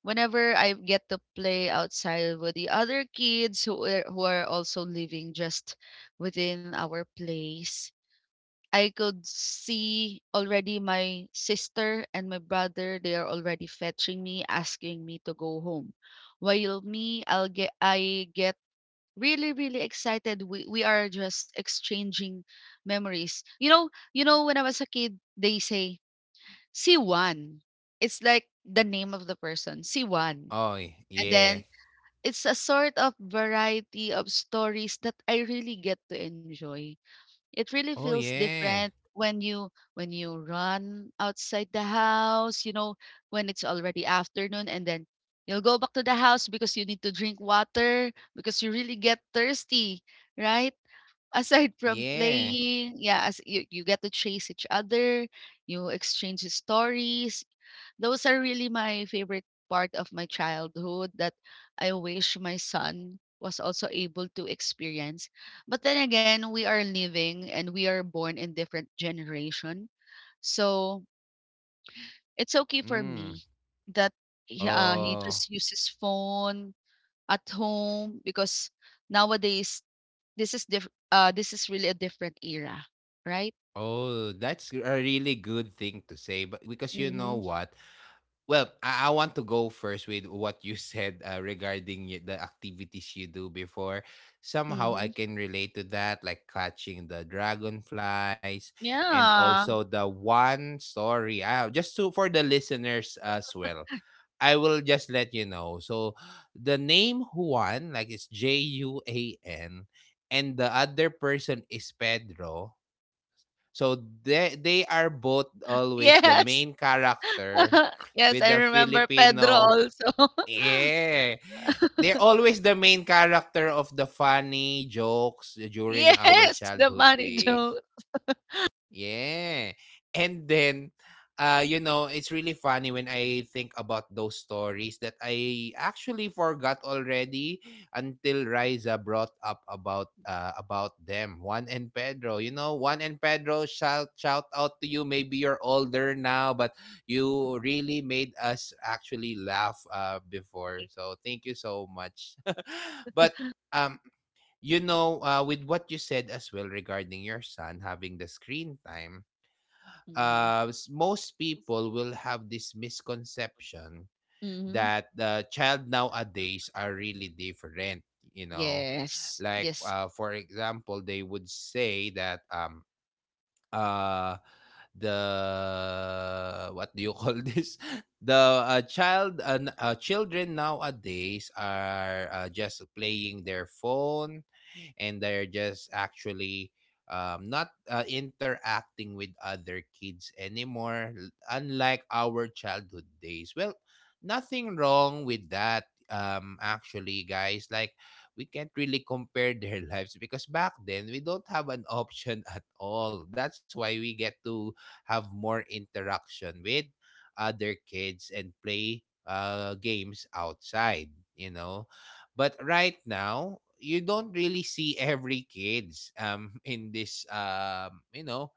[SPEAKER 2] whenever I get to play outside with the other kids who are also living just within our place, I could see already my sister and my brother, they are already fetching me asking me to go home. While me, I get really really excited. We are just exchanging memories. When I was a kid, they say C1. It's like the name of the person, C1.
[SPEAKER 1] Oh,
[SPEAKER 2] And
[SPEAKER 1] yeah.
[SPEAKER 2] then it's a sort of variety of stories that I really get to enjoy. It
[SPEAKER 1] Oh,
[SPEAKER 2] really feels
[SPEAKER 1] yeah.
[SPEAKER 2] different when you run outside the house, when it's already afternoon and then you'll go back to the house because you need to drink water because you really get thirsty, right? Aside from
[SPEAKER 1] Yeah.
[SPEAKER 2] playing, yeah, as you get to chase each other, you exchange stories. Those are really my favorite part of my childhood that I wish my son was also able to experience, but then again, we are living and we are born in different generation. So it's okay for
[SPEAKER 1] Mm.
[SPEAKER 2] me that he
[SPEAKER 1] Oh.
[SPEAKER 2] just uses phone at home, because nowadays this is really a different era, right?
[SPEAKER 1] Oh, that's a really good thing to say. But because you know
[SPEAKER 2] Mm-hmm.
[SPEAKER 1] what? Well, I want to go first with what you said regarding the activities you do before. Somehow I
[SPEAKER 2] Mm-hmm.
[SPEAKER 1] can relate to that, like catching the dragonflies, and
[SPEAKER 2] Yeah.
[SPEAKER 1] also the one story. Just to for the listeners as well. I will just let you know. So the name Juan, like it's Juan, and the other person is Pedro. So they are both always the main
[SPEAKER 2] Yes.
[SPEAKER 1] character
[SPEAKER 2] Yes,
[SPEAKER 1] with
[SPEAKER 2] I
[SPEAKER 1] the
[SPEAKER 2] remember Pedro
[SPEAKER 1] Filipino.
[SPEAKER 2] also.
[SPEAKER 1] Yeah. They're always the main character of the funny jokes during our
[SPEAKER 2] Yes, the
[SPEAKER 1] childhood
[SPEAKER 2] money
[SPEAKER 1] days.
[SPEAKER 2] joke.
[SPEAKER 1] Yeah. And then, you know, it's really funny when I think about those stories that I actually forgot already until Riza brought up about them. Juan and Pedro, you know, Juan and Pedro, shout out to you. Maybe you're older now, but you really made us actually laugh before. So thank you so much. But um, you know, with what you said as well regarding your son having the screen time,
[SPEAKER 2] Mm-hmm.
[SPEAKER 1] most people will have this misconception
[SPEAKER 2] Mm-hmm.
[SPEAKER 1] that the child nowadays are really different. You know,
[SPEAKER 2] Yes.
[SPEAKER 1] like
[SPEAKER 2] Yes.
[SPEAKER 1] for example, they would say that uh the what do you call this the child and children nowadays are just playing their phone and they're just actually not interacting with other kids anymore unlike our childhood days. Well, nothing wrong with that, actually, guys. Like we can't really compare their lives because back then we don't have an option at all. That's why we get to have more interaction with other kids and play games outside, you know. But right now, you don't really see every kids um in this um you know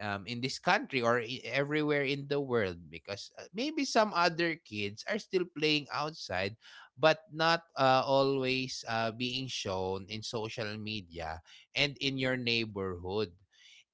[SPEAKER 1] um, in this country or everywhere in the world because maybe some other kids are still playing outside but not always being shown in social media and in your neighborhood.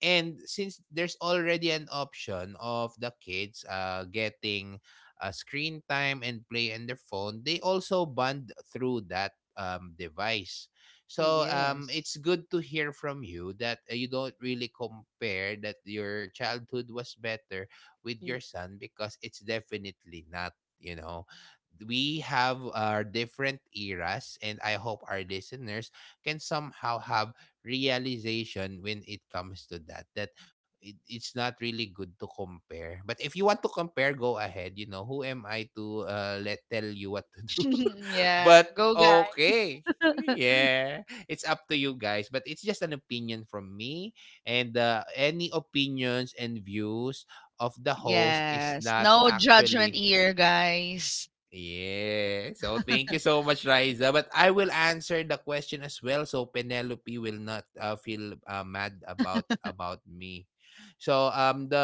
[SPEAKER 1] And since there's already an option of the kids getting screen time and play on their phone, they also bond through that device. So
[SPEAKER 2] Yes.
[SPEAKER 1] it's good to hear from you that you don't really compare that your childhood was better with
[SPEAKER 2] Mm.
[SPEAKER 1] your son, because it's definitely not, you know. We have our different eras, and I hope our listeners can somehow have realization when it comes to that, that it's not really good to compare. But if you want to compare, go ahead. You know, who am I to let tell you what to do?
[SPEAKER 2] Yeah,
[SPEAKER 1] But
[SPEAKER 2] go guys.
[SPEAKER 1] okay, yeah, it's up to you guys, but it's just an opinion from me. And any opinions and views of the host is
[SPEAKER 2] Yes.
[SPEAKER 1] not
[SPEAKER 2] No judgment
[SPEAKER 1] actually.
[SPEAKER 2] here, guys.
[SPEAKER 1] Yeah. So thank you so much, Riza. But I will answer the question as well, so Penelope will not feel mad about me. So the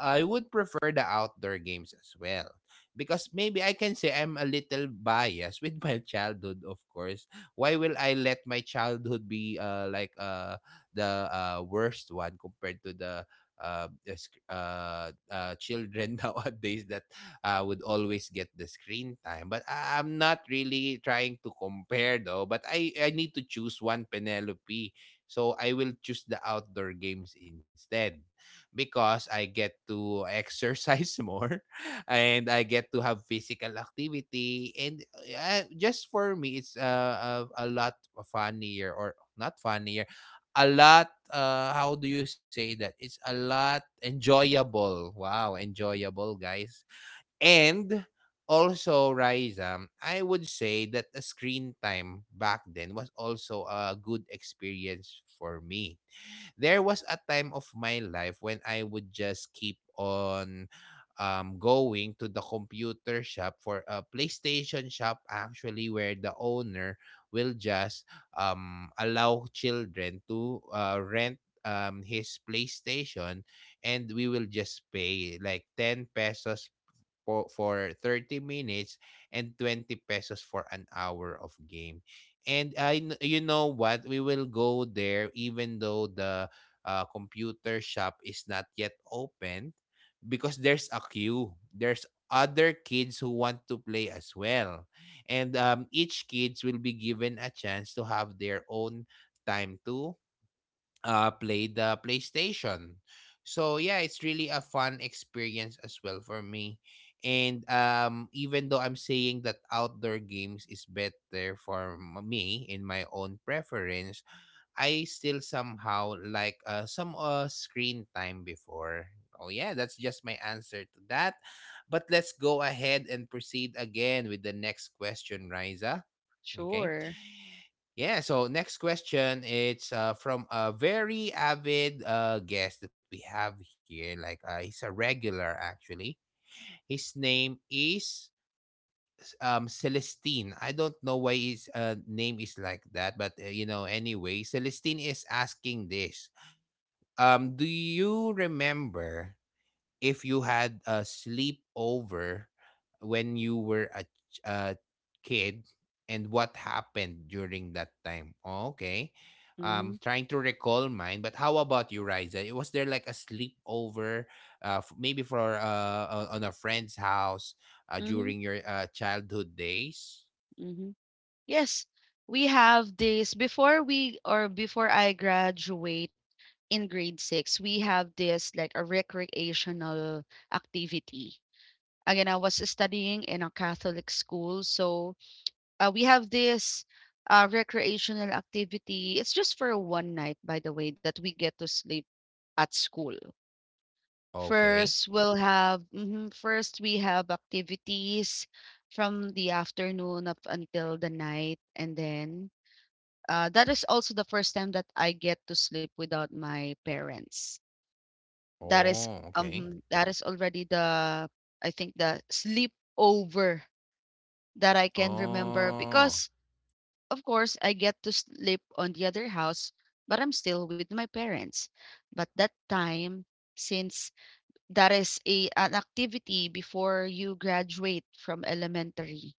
[SPEAKER 1] I would prefer the outdoor games as well because maybe I can say I'm a little biased with my childhood. Of course, why will I let my childhood be like the worst one compared to the children nowadays that would always get the screen time. But I'm not really trying to compare though. But I need to choose one, Penelope. So I will choose the outdoor games instead because I get to exercise more and I get to have physical activity. And just for me, it's a lot funnier, or not funnier. A lot, how do you say that? It's a lot enjoyable. Wow, enjoyable, guys. And also, Raisa, I would say that the screen time back then was also a good experience for me. There was a time of my life when I would just keep on going to the computer shop, for a PlayStation shop, actually, where the owner will just allow children to rent his PlayStation, and we will just pay like 10 pesos po for 30 minutes and 20 pesos for an hour of game. And you know what, we will go there even though the computer shop is not yet open because there's a queue. There's other kids who want to play as well. And each kids will be given a chance to have their own time to play the PlayStation. So yeah, it's really a fun experience as well for me. And even though I'm saying that outdoor games is better for me in my own preference, I still somehow like some screen time before. Oh yeah, that's just my answer to that. But let's go ahead and proceed again with the next question, Riza. Okay.
[SPEAKER 2] Sure.
[SPEAKER 1] Yeah, so next question, it's from a very avid guest that we have here. Like he's a regular, actually. His name is Celestine. I don't know why his name is like that, but you know, anyway, Celestine is asking this. Do you remember if you had a sleepover when you were a kid, and what happened during that time? Oh, okay.
[SPEAKER 2] Mm-hmm.
[SPEAKER 1] Trying to recall mine, but how about you, Riza? Was there like a sleepover, maybe on a friend's house,
[SPEAKER 2] Mm-hmm.
[SPEAKER 1] during your childhood days?
[SPEAKER 2] Mm-hmm. Yes, we have this before we or before I graduate in grade six. We have this like a recreational activity. Again, I was studying in a Catholic school, so we have this recreational activity. It's just for one night, by the way, that we get to sleep at school.
[SPEAKER 1] Okay.
[SPEAKER 2] First, we have activities from the afternoon up until the night, and then that is also the first time that I get to sleep without my parents. That
[SPEAKER 1] Oh,
[SPEAKER 2] is
[SPEAKER 1] okay.
[SPEAKER 2] that is already the I think the sleepover that I can remember.
[SPEAKER 1] Oh,
[SPEAKER 2] Because of course, I get to sleep on the other house, but I'm still with my parents. But that time, since that is a an activity before you graduate from elementary,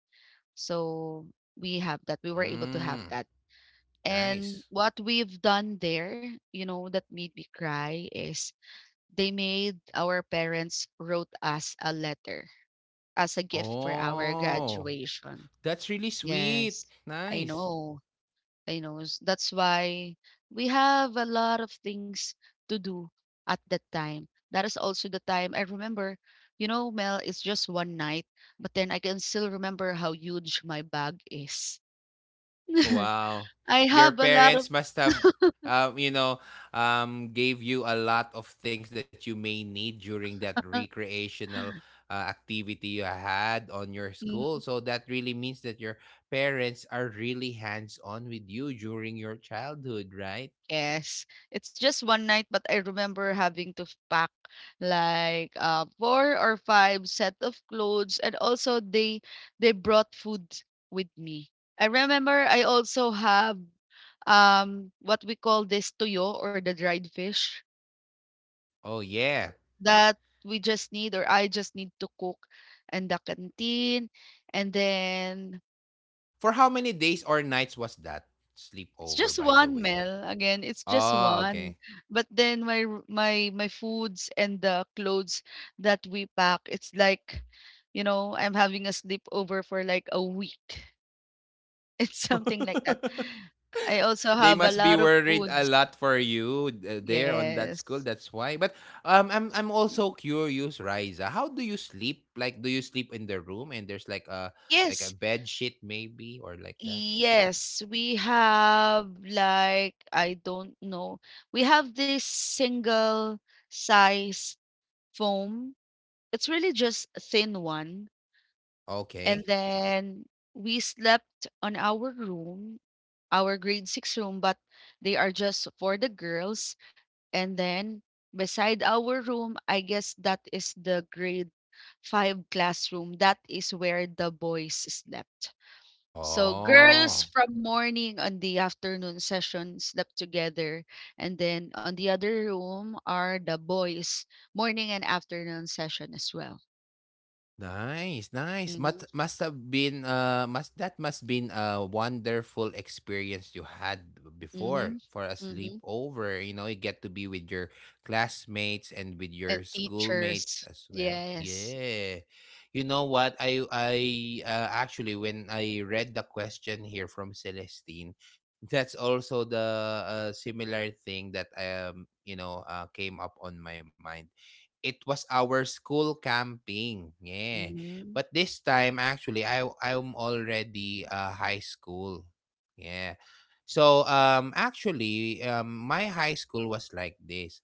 [SPEAKER 2] so we have that. We were able to have
[SPEAKER 1] mm,
[SPEAKER 2] that. And
[SPEAKER 1] nice.
[SPEAKER 2] what we've done there, you know, that made me cry is they made our parents wrote us a letter as a gift for our
[SPEAKER 1] Oh,
[SPEAKER 2] graduation.
[SPEAKER 1] that's really sweet.
[SPEAKER 2] Yes, I
[SPEAKER 1] Nice.
[SPEAKER 2] know. You know, that's why we have a lot of things to do at that time. That is also the time I remember, you know, Mel, it's just one night, but then I can still remember how huge my bag is.
[SPEAKER 1] Oh, wow.
[SPEAKER 2] I
[SPEAKER 1] Your
[SPEAKER 2] have a lot of
[SPEAKER 1] parents must have, you know, gave you a lot of things that you may need during that recreational activity you had on your school.
[SPEAKER 2] Mm,
[SPEAKER 1] So that really means that your parents are really hands on with you during your childhood, right?
[SPEAKER 2] yes. It's just one night, but I remember having to pack like four or five set of clothes, and also they brought food with me. I remember I also have what we call this tuyo or the dried fish
[SPEAKER 1] Oh, yeah.
[SPEAKER 2] that we just need or I just need to cook in the canteen. And then
[SPEAKER 1] For how many days or nights was that
[SPEAKER 2] it's
[SPEAKER 1] sleepover,
[SPEAKER 2] just
[SPEAKER 1] by the
[SPEAKER 2] one
[SPEAKER 1] way?
[SPEAKER 2] meal. Again, it's just
[SPEAKER 1] Oh,
[SPEAKER 2] one.
[SPEAKER 1] okay.
[SPEAKER 2] But then my r- my foods and the clothes that we pack, it's like, I'm having a sleepover for like a week. It's something like that. I also
[SPEAKER 1] They
[SPEAKER 2] have a
[SPEAKER 1] must be
[SPEAKER 2] lot of
[SPEAKER 1] worried a
[SPEAKER 2] foods.
[SPEAKER 1] lot for you there on that
[SPEAKER 2] Yes.
[SPEAKER 1] school. That's why. But I'm also curious, Riza. How do you sleep? Like, do you sleep in the room and there's like a
[SPEAKER 2] Yes,
[SPEAKER 1] bed sheet maybe or like that? Mm,
[SPEAKER 2] yes, we have like, I don't know. We have this single size foam. It's really just a thin one. And
[SPEAKER 1] okay.
[SPEAKER 2] then we slept on our room, our grade six room, but they are just for the girls. And then beside our room, I guess that is the grade five classroom. That is where the boys slept. So girls
[SPEAKER 1] Oh.
[SPEAKER 2] from morning on the afternoon session slept together, and then on the other room are the boys morning and afternoon session as well.
[SPEAKER 1] Nice, nice.
[SPEAKER 2] Mhm.
[SPEAKER 1] Must have been must that must been a wonderful experience you had before
[SPEAKER 2] Mhm.
[SPEAKER 1] for a
[SPEAKER 2] Mhm.
[SPEAKER 1] sleepover. You know, you get to be with your classmates and with
[SPEAKER 2] And
[SPEAKER 1] your schoolmates
[SPEAKER 2] teachers.
[SPEAKER 1] as well.
[SPEAKER 2] Yes.
[SPEAKER 1] Yeah. You know what? I actually, when I read the question here from Celestine, that's also the similar thing that came up on my mind. It was our school camping. Yeah.
[SPEAKER 2] Mhm.
[SPEAKER 1] But this time, actually, I'm already high school. Yeah. So actually my high school was like this.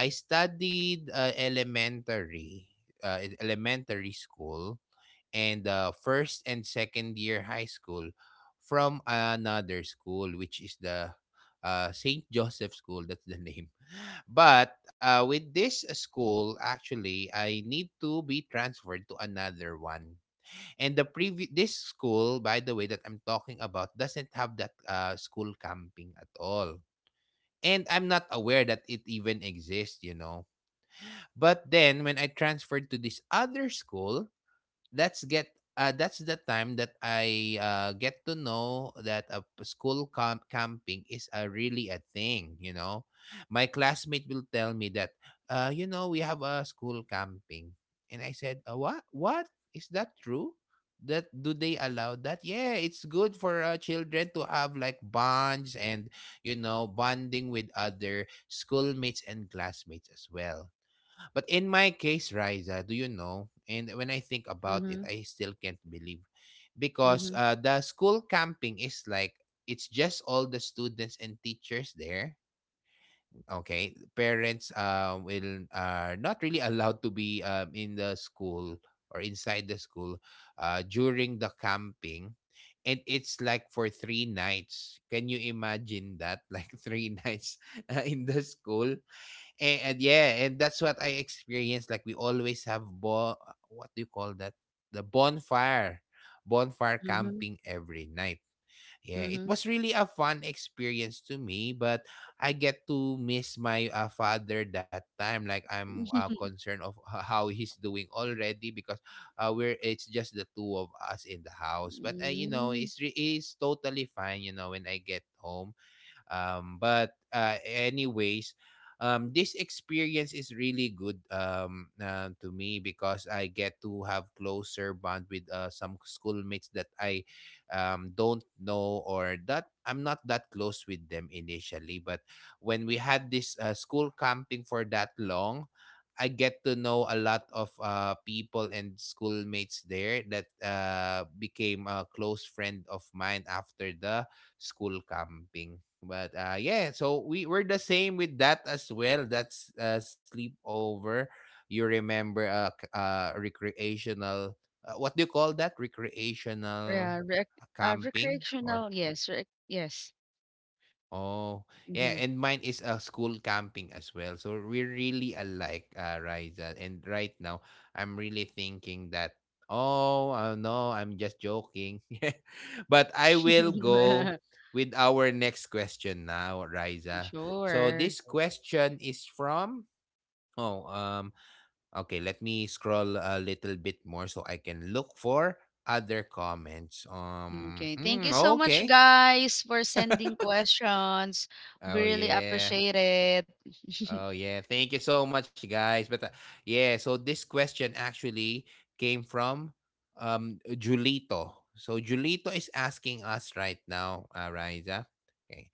[SPEAKER 1] I studied elementary elementary school and first and second year high school from another school, which is the St. Joseph School. That's the name. But with this school, actually, I need to be transferred to another one. And the previous this school, by the way, that I'm talking about, doesn't have that school camping at all. And I'm not aware that it even exists, you know. But then when I transferred to this other school, that's the time that I get to know that school camping is a really a thing. You know, my classmate will tell me that, you know, we have a school camping, and I said, what? What, is that true? That, do they allow that? Yeah, it's good for children to have like bonds and you know, bonding with other schoolmates and classmates as well. But in my case, Riza, do you know? And when I think about it,
[SPEAKER 2] Mhm.
[SPEAKER 1] I still can't believe, because
[SPEAKER 2] Mhm.
[SPEAKER 1] the school camping is like, it's just all the students and teachers there. Okay, parents will are not really allowed to be in the school or inside the school during the camping. And it's like for three nights. Can you imagine that? Like three nights in the school. And, yeah, and that's what I experienced. Like we always have what do you call that? The bonfire, bonfire
[SPEAKER 2] Mhm.
[SPEAKER 1] camping every night. Yeah, it
[SPEAKER 2] Mhm.
[SPEAKER 1] was really a fun experience to me, but I get to miss my father that time. Like I'm concerned of how he's doing already, because we're it's just the two of us in the house. But you know,
[SPEAKER 2] Mm.
[SPEAKER 1] it's it's totally fine. You know, when I get home. But anyways, this experience is really good, to me, because I get to have closer bond with some schoolmates that I don't know or that I'm not that close with them initially. But when we had this school camping for that long, I get to know a lot of people and schoolmates there that became a close friend of mine after the school camping. But yeah, so we we're the same with that as well. That's sleepover. You remember recreational, what do you call that? Recreational
[SPEAKER 2] Yeah,
[SPEAKER 1] camping, or.
[SPEAKER 2] recreational. Yes. Yes.
[SPEAKER 1] Oh, yeah,
[SPEAKER 2] Mhm.
[SPEAKER 1] and mine is a school camping as well. So we're really alike, Riza. And right now, I'm really thinking that, oh, no, I'm just joking. But I will go with our next question now, Riza. So
[SPEAKER 2] Sure.
[SPEAKER 1] this question is from, oh, okay, let me scroll a little bit more so I can look for other comments.
[SPEAKER 2] Okay, thank you
[SPEAKER 1] Mm,
[SPEAKER 2] so much,
[SPEAKER 1] okay.
[SPEAKER 2] guys, for sending questions. We
[SPEAKER 1] Oh,
[SPEAKER 2] really
[SPEAKER 1] yeah.
[SPEAKER 2] appreciate it.
[SPEAKER 1] Oh yeah, thank you so much, guys. But yeah, so this question actually came from Julito. So Julito is asking us right now, Riza. Okay,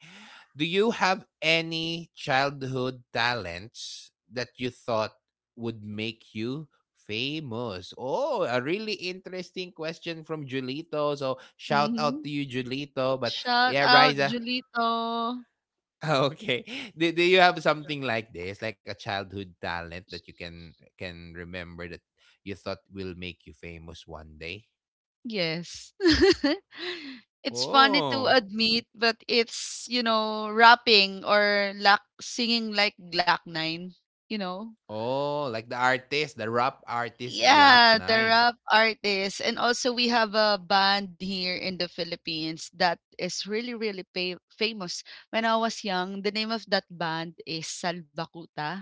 [SPEAKER 1] do you have any childhood talents that you thought would make you famous? Oh, a really interesting question from Julito. So shout out
[SPEAKER 2] Mhm.
[SPEAKER 1] to you, Julito. But
[SPEAKER 2] Shout
[SPEAKER 1] yeah,
[SPEAKER 2] out,
[SPEAKER 1] Riza,
[SPEAKER 2] Julito.
[SPEAKER 1] oh, okay. Do you have something like this, like a childhood talent that you can remember that you thought will make you famous one day?
[SPEAKER 2] Yes. It's funny to
[SPEAKER 1] Oh.
[SPEAKER 2] admit, but it's, rapping or lak singing like Glock 9, you know?
[SPEAKER 1] Oh, like the artist, the rap artist Glock
[SPEAKER 2] Yeah,
[SPEAKER 1] Nine.
[SPEAKER 2] the rap artists. And also we have a band here in the Philippines that is really, really famous. When I was young, the name of that band is Salvakuta.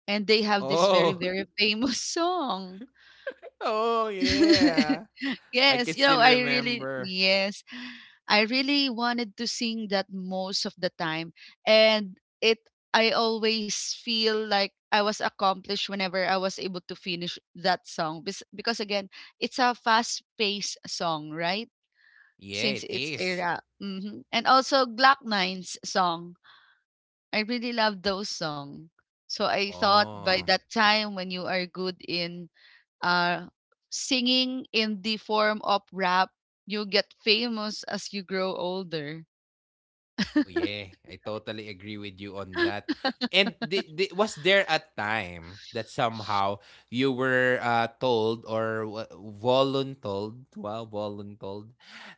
[SPEAKER 2] And they have this
[SPEAKER 1] Oh.
[SPEAKER 2] very, very famous song.
[SPEAKER 1] oh, yeah. I
[SPEAKER 2] Yes,
[SPEAKER 1] can still remember.
[SPEAKER 2] yes, I really wanted to sing that most of the time. And I always feel like I was accomplished whenever I was able to finish that song. Because again, it's a fast paced song, right?
[SPEAKER 1] Yeah,
[SPEAKER 2] Since
[SPEAKER 1] it
[SPEAKER 2] it's a
[SPEAKER 1] is.
[SPEAKER 2] rap. And also Glock 9's song. I really love those songs. So I thought by
[SPEAKER 1] Oh.
[SPEAKER 2] that time, when you are good in uh, singing in the form of rap, you get famous as you grow older.
[SPEAKER 1] Oh yeah, I totally agree with you on that. And was there a time that somehow you were told or voluntold? Wow, voluntold.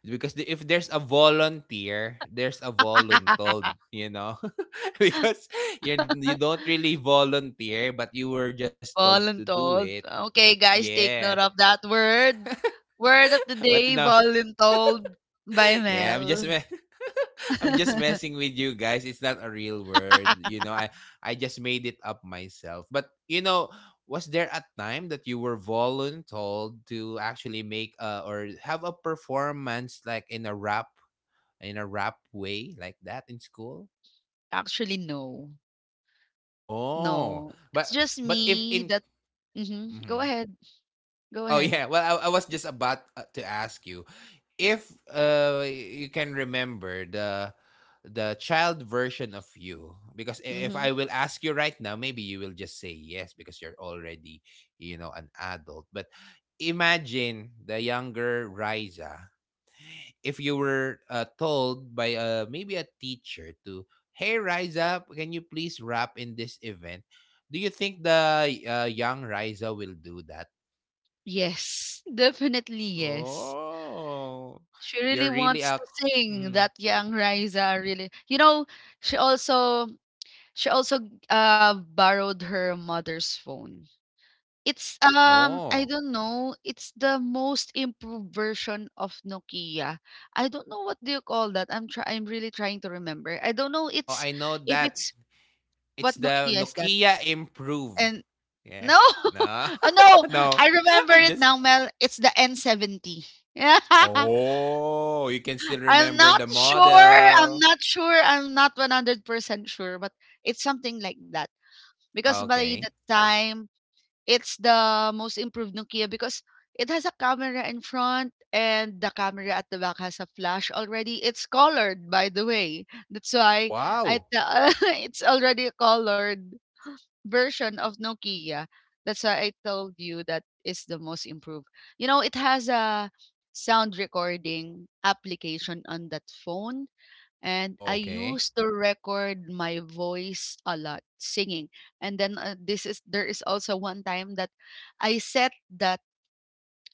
[SPEAKER 1] Because if there's a volunteer, there's a voluntold, you know? Because you you don't really volunteer, but you were just told to do it.
[SPEAKER 2] Voluntold. Okay, guys, take
[SPEAKER 1] Yeah.
[SPEAKER 2] note of that word. Word of the
[SPEAKER 1] But
[SPEAKER 2] day,
[SPEAKER 1] no.
[SPEAKER 2] voluntold by
[SPEAKER 1] Yeah, I'm just
[SPEAKER 2] Mel.
[SPEAKER 1] I'm just messing with you guys. It's not a real word. I just made it up myself. But you know, was there a time that you were voluntold to actually make a, or have a performance like in a rap way like that in school?
[SPEAKER 2] Actually, no.
[SPEAKER 1] Oh,
[SPEAKER 2] No. It's
[SPEAKER 1] but
[SPEAKER 2] just
[SPEAKER 1] but if
[SPEAKER 2] me
[SPEAKER 1] in.
[SPEAKER 2] that. Go
[SPEAKER 1] Mhm.
[SPEAKER 2] ahead. Go
[SPEAKER 1] Oh
[SPEAKER 2] ahead.
[SPEAKER 1] yeah. Well, I was just about to ask you if you can remember the child version of you because if
[SPEAKER 2] hmm
[SPEAKER 1] I will ask you right now, maybe you will just say yes because you're already you know an adult. But imagine the younger Riza if you were told by maybe a teacher to, hey Riza, can you please rap in this event? Do you think the young Riza will do that?
[SPEAKER 2] Yes. Definitely, yes.
[SPEAKER 1] Oh,
[SPEAKER 2] She really
[SPEAKER 1] you're really
[SPEAKER 2] wants
[SPEAKER 1] a
[SPEAKER 2] to sing,
[SPEAKER 1] mm.
[SPEAKER 2] that young Riza really. You know, she also She also borrowed her mother's phone. It's I
[SPEAKER 1] Oh.
[SPEAKER 2] don't know, it's the most improved version of Nokia. I don't know what do you call that. I'm really trying to remember. I don't know
[SPEAKER 1] Oh,
[SPEAKER 2] it's
[SPEAKER 1] I know
[SPEAKER 2] if
[SPEAKER 1] that.
[SPEAKER 2] it's
[SPEAKER 1] It's
[SPEAKER 2] what
[SPEAKER 1] the
[SPEAKER 2] Nokia is that.
[SPEAKER 1] Nokia Improve.
[SPEAKER 2] And
[SPEAKER 1] Yeah.
[SPEAKER 2] no. Oh,
[SPEAKER 1] No.
[SPEAKER 2] no,
[SPEAKER 1] no.
[SPEAKER 2] I remember
[SPEAKER 1] I'm
[SPEAKER 2] it
[SPEAKER 1] just.
[SPEAKER 2] now, Mel. It's the N70. Yeah.
[SPEAKER 1] Oh, you can still
[SPEAKER 2] I'm
[SPEAKER 1] remember
[SPEAKER 2] not
[SPEAKER 1] the
[SPEAKER 2] sure. I'm
[SPEAKER 1] model.
[SPEAKER 2] not sure. I'm not 100% sure, but it's something like that. Because by the
[SPEAKER 1] Okay.
[SPEAKER 2] time It's the most improved Nokia, because it has a camera in front and the camera at the back has a flash already. It's colored, by the way. That's why I
[SPEAKER 1] Wow.
[SPEAKER 2] tell it's already a colored version of Nokia. That's why I told you that is the most improved. You know, it has a sound recording application on that phone, and I
[SPEAKER 1] Okay.
[SPEAKER 2] used to record my voice a lot singing. And then this is there is also one time that I set that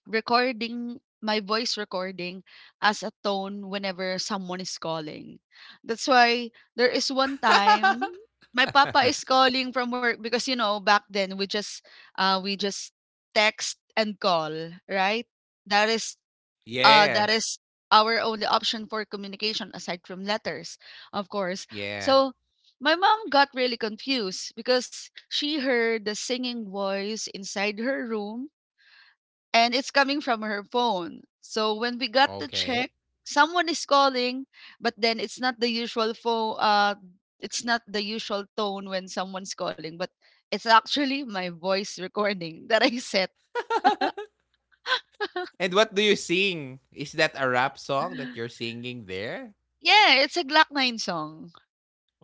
[SPEAKER 2] recording, my voice recording, as a tone whenever someone is calling. That's why there is one time my papa is calling from work, because you know back then we just uh we just text and call, right? That is uh,
[SPEAKER 1] yeah.
[SPEAKER 2] that is our only option for communication aside from letters, of course.
[SPEAKER 1] Yeah.
[SPEAKER 2] So my mom got really confused because she heard the singing voice inside her room and it's coming from her phone. So when we got to
[SPEAKER 1] Okay.
[SPEAKER 2] check, someone is calling, but then it's not the usual phone. It's not the usual tone when someone's calling, but it's actually my voice recording that I set.
[SPEAKER 1] And what do you sing? Is that a rap song that you're singing there?
[SPEAKER 2] Yeah, it's a Glock 9 song.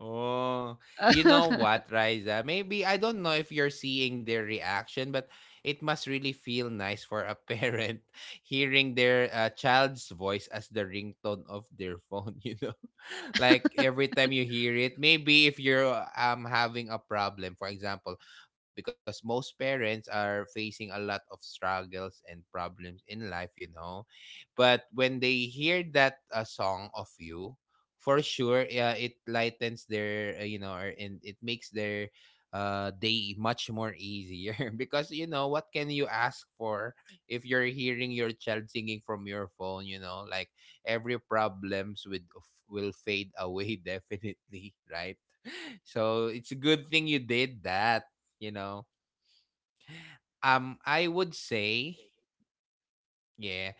[SPEAKER 1] Oh, you know what, Riza? Maybe I don't know if you're seeing their reaction, but it must really feel nice for a parent hearing their child's voice as the ringtone of their phone, you know? like every time you hear it, maybe if you're having a problem, for example, because most parents are facing a lot of struggles and problems in life, you know. But when they hear that song of you, for sure yeah it lightens their and it makes their day much more easier because you know what can you ask for if you're hearing your child singing from your phone, you know, like every problems with will fade away, definitely, right? So it's a good thing you did that, you know I would say. Yeah,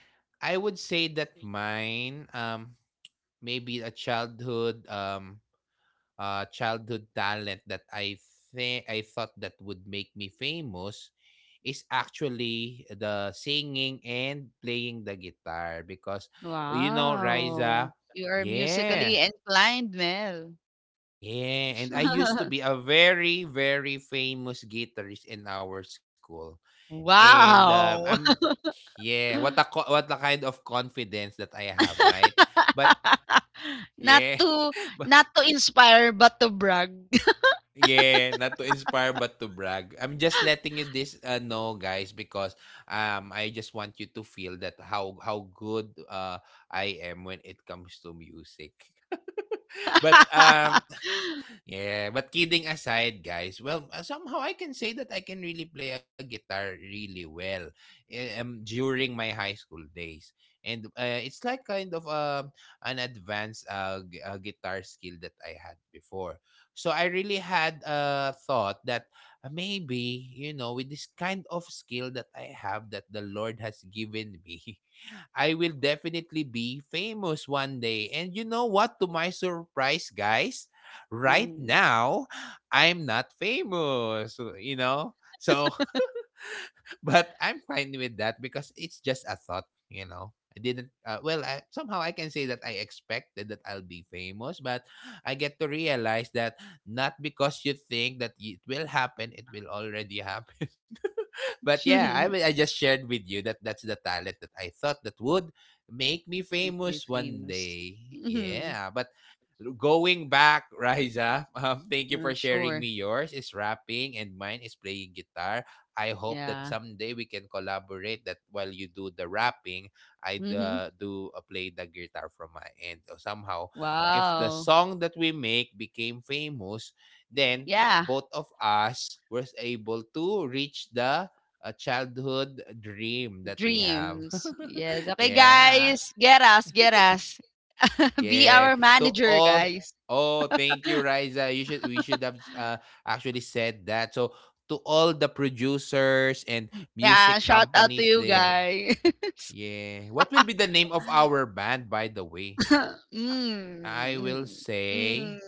[SPEAKER 1] I would say that mine, maybe a childhood childhood talent that I think I thought that would make me famous is actually the singing and playing the guitar because you know Riza,
[SPEAKER 2] Wow. You are
[SPEAKER 1] yeah,
[SPEAKER 2] musically inclined, Mel.
[SPEAKER 1] yeah, and I used to be a very famous guitarist in our school, and I'm,
[SPEAKER 2] Wow.
[SPEAKER 1] yeah, what a what a kind of confidence that I have, right? But
[SPEAKER 2] Not
[SPEAKER 1] yeah.
[SPEAKER 2] to not to inspire but to brag.
[SPEAKER 1] Yeah, not to inspire but to brag. I'm just letting you this know guys because I just want you to feel that how good I am when it comes to music. But yeah, but kidding aside, guys, well, somehow I can say that I can really play a guitar really well during my high school days. And it's like kind of an advanced guitar skill that I had before. So I really had thought that maybe, you know, with this kind of skill that I have that the Lord has given me, I will definitely be famous one day. And you know what? To my surprise, guys, right
[SPEAKER 2] Mm.
[SPEAKER 1] now, I'm not famous. You know? So but I'm fine with that because it's just a thought, you know. I didn't well, I, somehow I can say that I expected that I'll be famous, but I get to realize that not because you think that it will happen, it will already happen. but yeah, I just shared with you that that's the talent that I thought that would make me
[SPEAKER 2] Make you
[SPEAKER 1] famous one
[SPEAKER 2] famous.
[SPEAKER 1] day.
[SPEAKER 2] Mhm.
[SPEAKER 1] Yeah, but going back, Riza, thank you for
[SPEAKER 2] Uh,
[SPEAKER 1] sharing
[SPEAKER 2] sure.
[SPEAKER 1] me. Yours is rapping and mine is playing guitar. I hope that
[SPEAKER 2] Yeah.
[SPEAKER 1] someday we can collaborate that while you do the rapping, I
[SPEAKER 2] Hmm.
[SPEAKER 1] do play the guitar from my end. So somehow, if the
[SPEAKER 2] Wow.
[SPEAKER 1] song that we make became famous, then
[SPEAKER 2] Yeah.
[SPEAKER 1] both of us were able to reach the childhood dream that we have.
[SPEAKER 2] Dreams. Yes. Okay,
[SPEAKER 1] yeah.
[SPEAKER 2] guys. Get us. Get us. Be
[SPEAKER 1] Yeah.
[SPEAKER 2] our
[SPEAKER 1] To
[SPEAKER 2] manager,
[SPEAKER 1] all,
[SPEAKER 2] guys.
[SPEAKER 1] oh, thank you, Riza. You should we should have actually said that. So to all the producers and
[SPEAKER 2] Yeah,
[SPEAKER 1] music
[SPEAKER 2] shout out to
[SPEAKER 1] companies
[SPEAKER 2] you
[SPEAKER 1] there.
[SPEAKER 2] guys.
[SPEAKER 1] Yeah. What will be the name of our band by the way? I will
[SPEAKER 2] Mm, mm,
[SPEAKER 1] say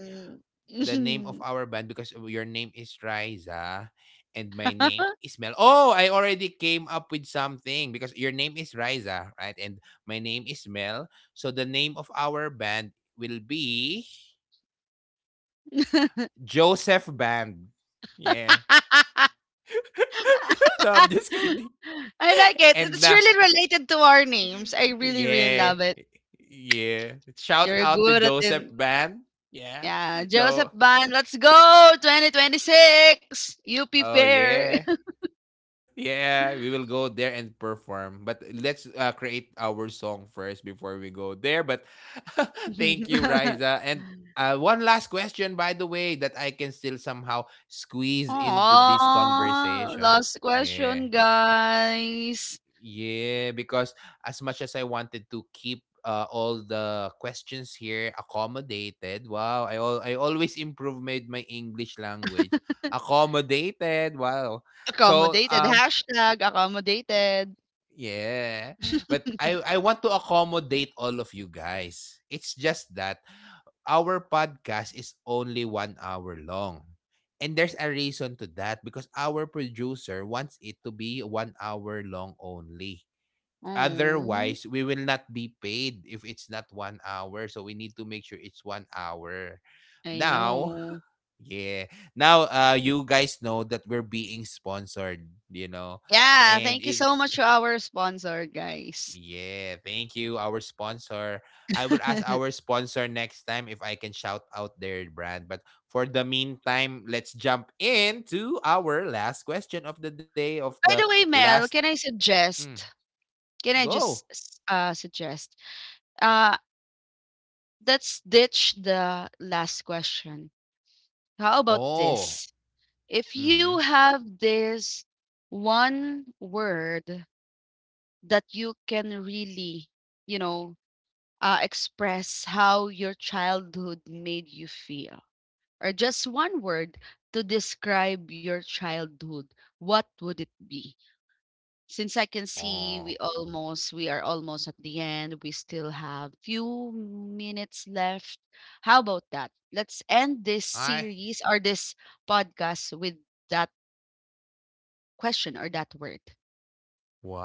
[SPEAKER 1] the name of
[SPEAKER 2] mm,
[SPEAKER 1] our band because your name is Riza and my name is Mel. Oh, I already came up with something because your name is Riza, right? And my name is Mel. So the name of our band will be Joseph Band. Yeah. no, I'm just kidding.
[SPEAKER 2] I like it.
[SPEAKER 1] And
[SPEAKER 2] It's
[SPEAKER 1] na,
[SPEAKER 2] really related to our names. I really, really
[SPEAKER 1] yeah.
[SPEAKER 2] love it.
[SPEAKER 1] Yeah. Shout
[SPEAKER 2] You're
[SPEAKER 1] out to
[SPEAKER 2] good at
[SPEAKER 1] Joseph
[SPEAKER 2] it.
[SPEAKER 1] Band. Yeah.
[SPEAKER 2] Yeah, Joseph
[SPEAKER 1] So,
[SPEAKER 2] Ban, let's go 2026 UP
[SPEAKER 1] oh
[SPEAKER 2] Fair.
[SPEAKER 1] yeah. Yeah, we will go there and perform. But let's create our song first before we go there. But thank you, Riza. And one last question, by the way, that I can still somehow squeeze into this
[SPEAKER 2] Oh,
[SPEAKER 1] conversation.
[SPEAKER 2] last
[SPEAKER 1] Yeah.
[SPEAKER 2] question, guys.
[SPEAKER 1] Yeah, because as much as I wanted to keep all the questions here accommodated, wow, I always improve my English language. Accommodated, wow. So,
[SPEAKER 2] Accommodated. Hashtag accommodated.
[SPEAKER 1] yeah, but I want to accommodate all of you guys. It's just that our podcast is only one hour long. And there's a reason to that because our producer wants it to be one hour long only.
[SPEAKER 2] Oh,
[SPEAKER 1] Otherwise, we will not be paid if it's not one hour. So we need to make sure it's one hour.
[SPEAKER 2] I
[SPEAKER 1] Now,
[SPEAKER 2] know.
[SPEAKER 1] yeah. Now, you guys know that we're being sponsored, you know,
[SPEAKER 2] Yeah,
[SPEAKER 1] and
[SPEAKER 2] thank you
[SPEAKER 1] it.
[SPEAKER 2] so much to our sponsor, guys.
[SPEAKER 1] Yeah, thank you, our sponsor. I will ask
[SPEAKER 2] By
[SPEAKER 1] our sponsor next time if I can shout out their brand. But for the meantime, let's jump into our last question of the day of the
[SPEAKER 2] the way,
[SPEAKER 1] last.
[SPEAKER 2] Mel, can I
[SPEAKER 1] Mm,
[SPEAKER 2] suggest? Can I
[SPEAKER 1] go.
[SPEAKER 2] just suggest? Uh let's ditch the last question. How about
[SPEAKER 1] Oh.
[SPEAKER 2] this? If
[SPEAKER 1] Mm-hmm.
[SPEAKER 2] you have this one word that you can really, you know, express how your childhood made you feel, or just one word to describe your childhood, what would it be? Since I can see
[SPEAKER 1] Oh.
[SPEAKER 2] we are almost at the end, we still have few minutes left. How about that? Let's end this
[SPEAKER 1] I,
[SPEAKER 2] series or this podcast with that question or that word.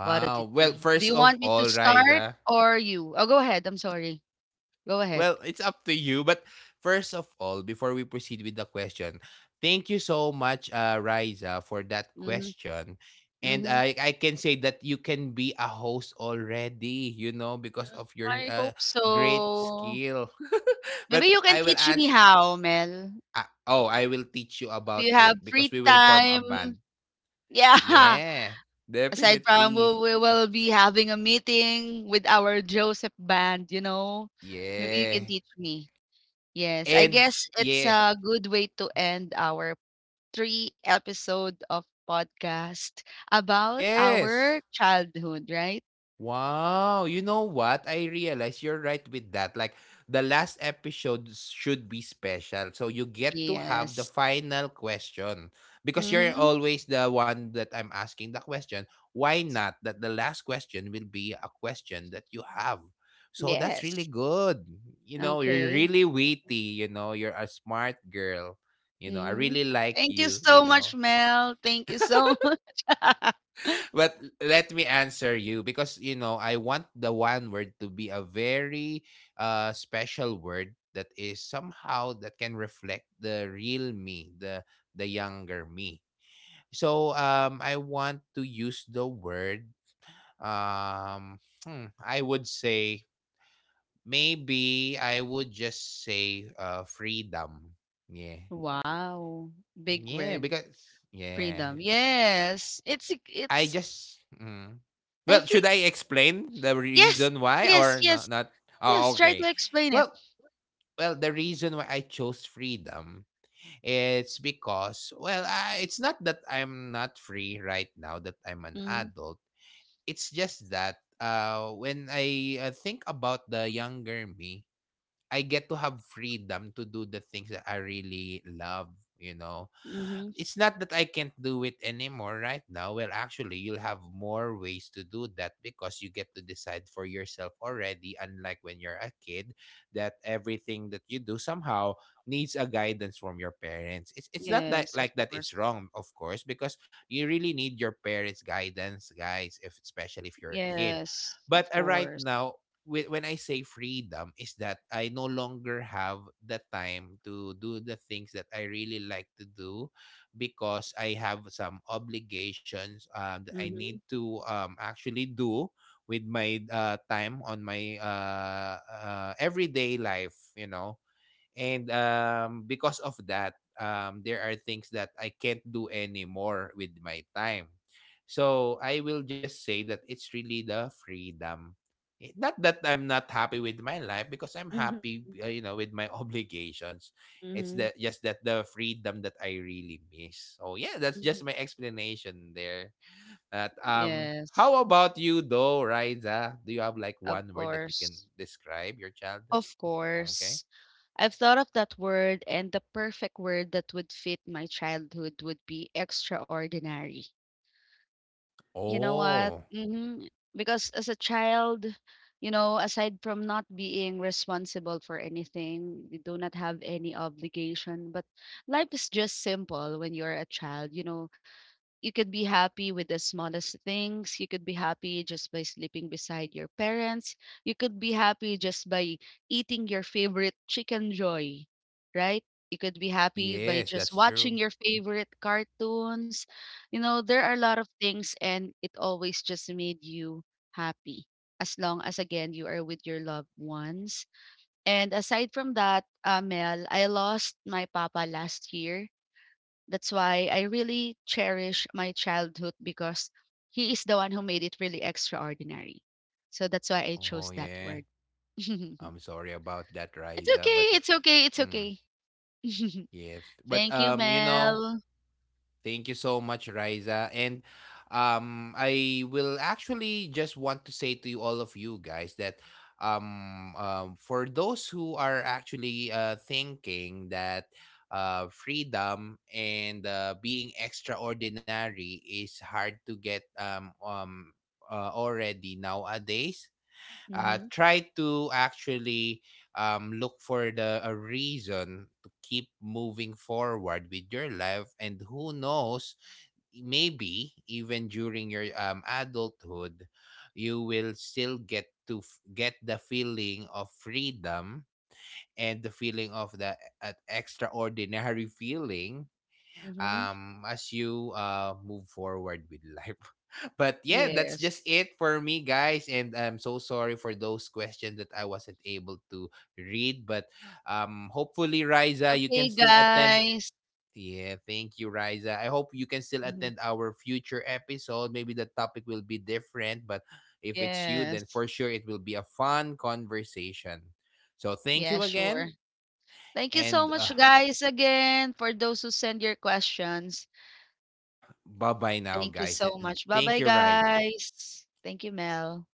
[SPEAKER 2] What would it
[SPEAKER 1] Well,
[SPEAKER 2] be? Do
[SPEAKER 1] first
[SPEAKER 2] you
[SPEAKER 1] of
[SPEAKER 2] want me to
[SPEAKER 1] all,
[SPEAKER 2] start
[SPEAKER 1] Riza.
[SPEAKER 2] or you? Oh, go ahead. I'm sorry. Go ahead.
[SPEAKER 1] Well, it's up to you, but first of all, before we proceed with the question, thank you so much, Riza, for that
[SPEAKER 2] hmm
[SPEAKER 1] question. And
[SPEAKER 2] hmm
[SPEAKER 1] I I can say that you can be a host already, you know, because of your
[SPEAKER 2] I hope
[SPEAKER 1] great
[SPEAKER 2] so.
[SPEAKER 1] skill.
[SPEAKER 2] Maybe
[SPEAKER 1] but
[SPEAKER 2] you can
[SPEAKER 1] I will
[SPEAKER 2] teach me
[SPEAKER 1] ask.
[SPEAKER 2] how, Mel.
[SPEAKER 1] Oh, I will teach you
[SPEAKER 2] If
[SPEAKER 1] about
[SPEAKER 2] you have
[SPEAKER 1] it because
[SPEAKER 2] free
[SPEAKER 1] we will form a
[SPEAKER 2] time,
[SPEAKER 1] band.
[SPEAKER 2] yeah.
[SPEAKER 1] Yeah,
[SPEAKER 2] Aside from
[SPEAKER 1] definitely.
[SPEAKER 2] we will be having a meeting with our Joseph band. Maybe you can
[SPEAKER 1] Yeah,
[SPEAKER 2] teach me. Yes, I
[SPEAKER 1] and
[SPEAKER 2] guess it's
[SPEAKER 1] yeah.
[SPEAKER 2] a good way to end our three episode of podcast about our
[SPEAKER 1] Yes.
[SPEAKER 2] childhood, right?
[SPEAKER 1] Wow. You know what? I realize you're right with that. Like the last episode should be special. So you get to have the
[SPEAKER 2] Yes.
[SPEAKER 1] final question because you're
[SPEAKER 2] Mhm.
[SPEAKER 1] always the one that I'm asking the question. Why not that the last question will be a question that you have? So that's really
[SPEAKER 2] Yes.
[SPEAKER 1] good. You know, you're
[SPEAKER 2] Okay.
[SPEAKER 1] really witty, you know, you're a smart girl. You know, I
[SPEAKER 2] Mhm.
[SPEAKER 1] really like
[SPEAKER 2] Thank you
[SPEAKER 1] you,
[SPEAKER 2] so
[SPEAKER 1] you
[SPEAKER 2] much,
[SPEAKER 1] know.
[SPEAKER 2] Mel. Thank you so much.
[SPEAKER 1] But let me answer you because you know I want the one word to be a very special word that is somehow that can reflect the real me, the younger me. So I want to use the word, um hmm, I would say maybe I would just say freedom. Yeah.
[SPEAKER 2] Wow. Big
[SPEAKER 1] Yeah,
[SPEAKER 2] word.
[SPEAKER 1] because yeah.
[SPEAKER 2] Freedom. Yes.
[SPEAKER 1] I
[SPEAKER 2] It's
[SPEAKER 1] just mm. Well,
[SPEAKER 2] I
[SPEAKER 1] should
[SPEAKER 2] think
[SPEAKER 1] I explain the
[SPEAKER 2] yes,
[SPEAKER 1] reason why
[SPEAKER 2] yes,
[SPEAKER 1] or no,
[SPEAKER 2] yes,
[SPEAKER 1] not?
[SPEAKER 2] yes.
[SPEAKER 1] Oh,
[SPEAKER 2] Try
[SPEAKER 1] okay.
[SPEAKER 2] to explain it.
[SPEAKER 1] Well, well, the reason why I chose freedom, it's because it's not that I'm not free right now that I'm an
[SPEAKER 2] Mhm.
[SPEAKER 1] adult. It's just that when I think about the younger me, I get to have freedom to do the things that I really love, you know.
[SPEAKER 2] Mhm.
[SPEAKER 1] It's not that I can't do it anymore right now. Well, actually, you'll have more ways to do that because you get to decide for yourself already, unlike when you're a kid, that everything that you do somehow needs a guidance from your parents. It's not that
[SPEAKER 2] Yes, of
[SPEAKER 1] like that it's
[SPEAKER 2] course.
[SPEAKER 1] wrong, of course, because you really need your parents' guidance, guys, if especially if you're a kid.
[SPEAKER 2] Yes,
[SPEAKER 1] But
[SPEAKER 2] of
[SPEAKER 1] right
[SPEAKER 2] course.
[SPEAKER 1] now, when I say freedom is that I no longer have the time to do the things that I really like to do because I have some obligations that I need
[SPEAKER 2] Mhm.
[SPEAKER 1] to actually do with my time on my everyday life, you know. And because of that, there are things that I can't do anymore with my time. So I will just say that it's really the freedom. Eh, not that I'm not happy with my life because I'm
[SPEAKER 2] Mhm.
[SPEAKER 1] happy, you know, with my obligations. It's
[SPEAKER 2] Mhm.
[SPEAKER 1] that just that the freedom that I really miss. So yeah, that's
[SPEAKER 2] Mhm.
[SPEAKER 1] just my explanation there. That
[SPEAKER 2] Yes,
[SPEAKER 1] how about you though, Riza? Do you have like
[SPEAKER 2] of
[SPEAKER 1] one word that you can
[SPEAKER 2] course.
[SPEAKER 1] describe your childhood?
[SPEAKER 2] Of
[SPEAKER 1] Okay.
[SPEAKER 2] course. I've thought of that word, and the perfect word that would fit my childhood would be extraordinary. You know what?
[SPEAKER 1] Oh.
[SPEAKER 2] Because as a child, aside from not being responsible for anything, you do not have any obligation. But life is just simple when you're a child. You know, you could be happy with the smallest things. You could be happy just by sleeping beside your parents. You could be happy just by eating your favorite chicken joy, right? You could be happy by
[SPEAKER 1] Yes,
[SPEAKER 2] just
[SPEAKER 1] that's true.
[SPEAKER 2] watching your favorite cartoons. You know, there are a lot of things, and it always just made you happy, as long as, again, you are with your loved ones. And aside from that, Mel, I lost my papa last year. That's why I really cherish my childhood, because he is the one who made it really extraordinary. So that's why I
[SPEAKER 1] Oh
[SPEAKER 2] chose that
[SPEAKER 1] yeah.
[SPEAKER 2] word. It's
[SPEAKER 1] I'm sorry about that, Riza, but
[SPEAKER 2] okay. It's okay. It's
[SPEAKER 1] mm,
[SPEAKER 2] okay.
[SPEAKER 1] yes. But
[SPEAKER 2] Thank you,
[SPEAKER 1] you know,
[SPEAKER 2] Mel.
[SPEAKER 1] thank you so much, Riza. And I will actually just want to say to you all of you guys that for those who are actually thinking that freedom and being extraordinary is hard to get already nowadays, try to actually look for the a reason to keep moving forward with your life and who knows, maybe even during your adulthood you will still get to get the feeling of freedom and the feeling of the extraordinary feeling
[SPEAKER 2] Mm-hmm.
[SPEAKER 1] as you move forward with life. but yeah, that's
[SPEAKER 2] Yes.
[SPEAKER 1] just it for me guys, and I'm so sorry for those questions that I wasn't able to read. But hopefully Riza you can
[SPEAKER 2] Okay,
[SPEAKER 1] still attend.
[SPEAKER 2] guys.
[SPEAKER 1] Yeah, thank you Riza, I hope you can still
[SPEAKER 2] Mhm.
[SPEAKER 1] attend our future episode, maybe the topic will be different, but if it's you then
[SPEAKER 2] Yes.
[SPEAKER 1] for sure it will be a fun conversation. So thank
[SPEAKER 2] Yeah,
[SPEAKER 1] you
[SPEAKER 2] sure.
[SPEAKER 1] again.
[SPEAKER 2] Thank you so
[SPEAKER 1] And
[SPEAKER 2] much, guys, again, for those who send your questions.
[SPEAKER 1] bye bye now
[SPEAKER 2] Thank you
[SPEAKER 1] guys,
[SPEAKER 2] so
[SPEAKER 1] and
[SPEAKER 2] much. Bye
[SPEAKER 1] thank
[SPEAKER 2] bye,
[SPEAKER 1] you Riza.
[SPEAKER 2] guys. Thank you, Mel.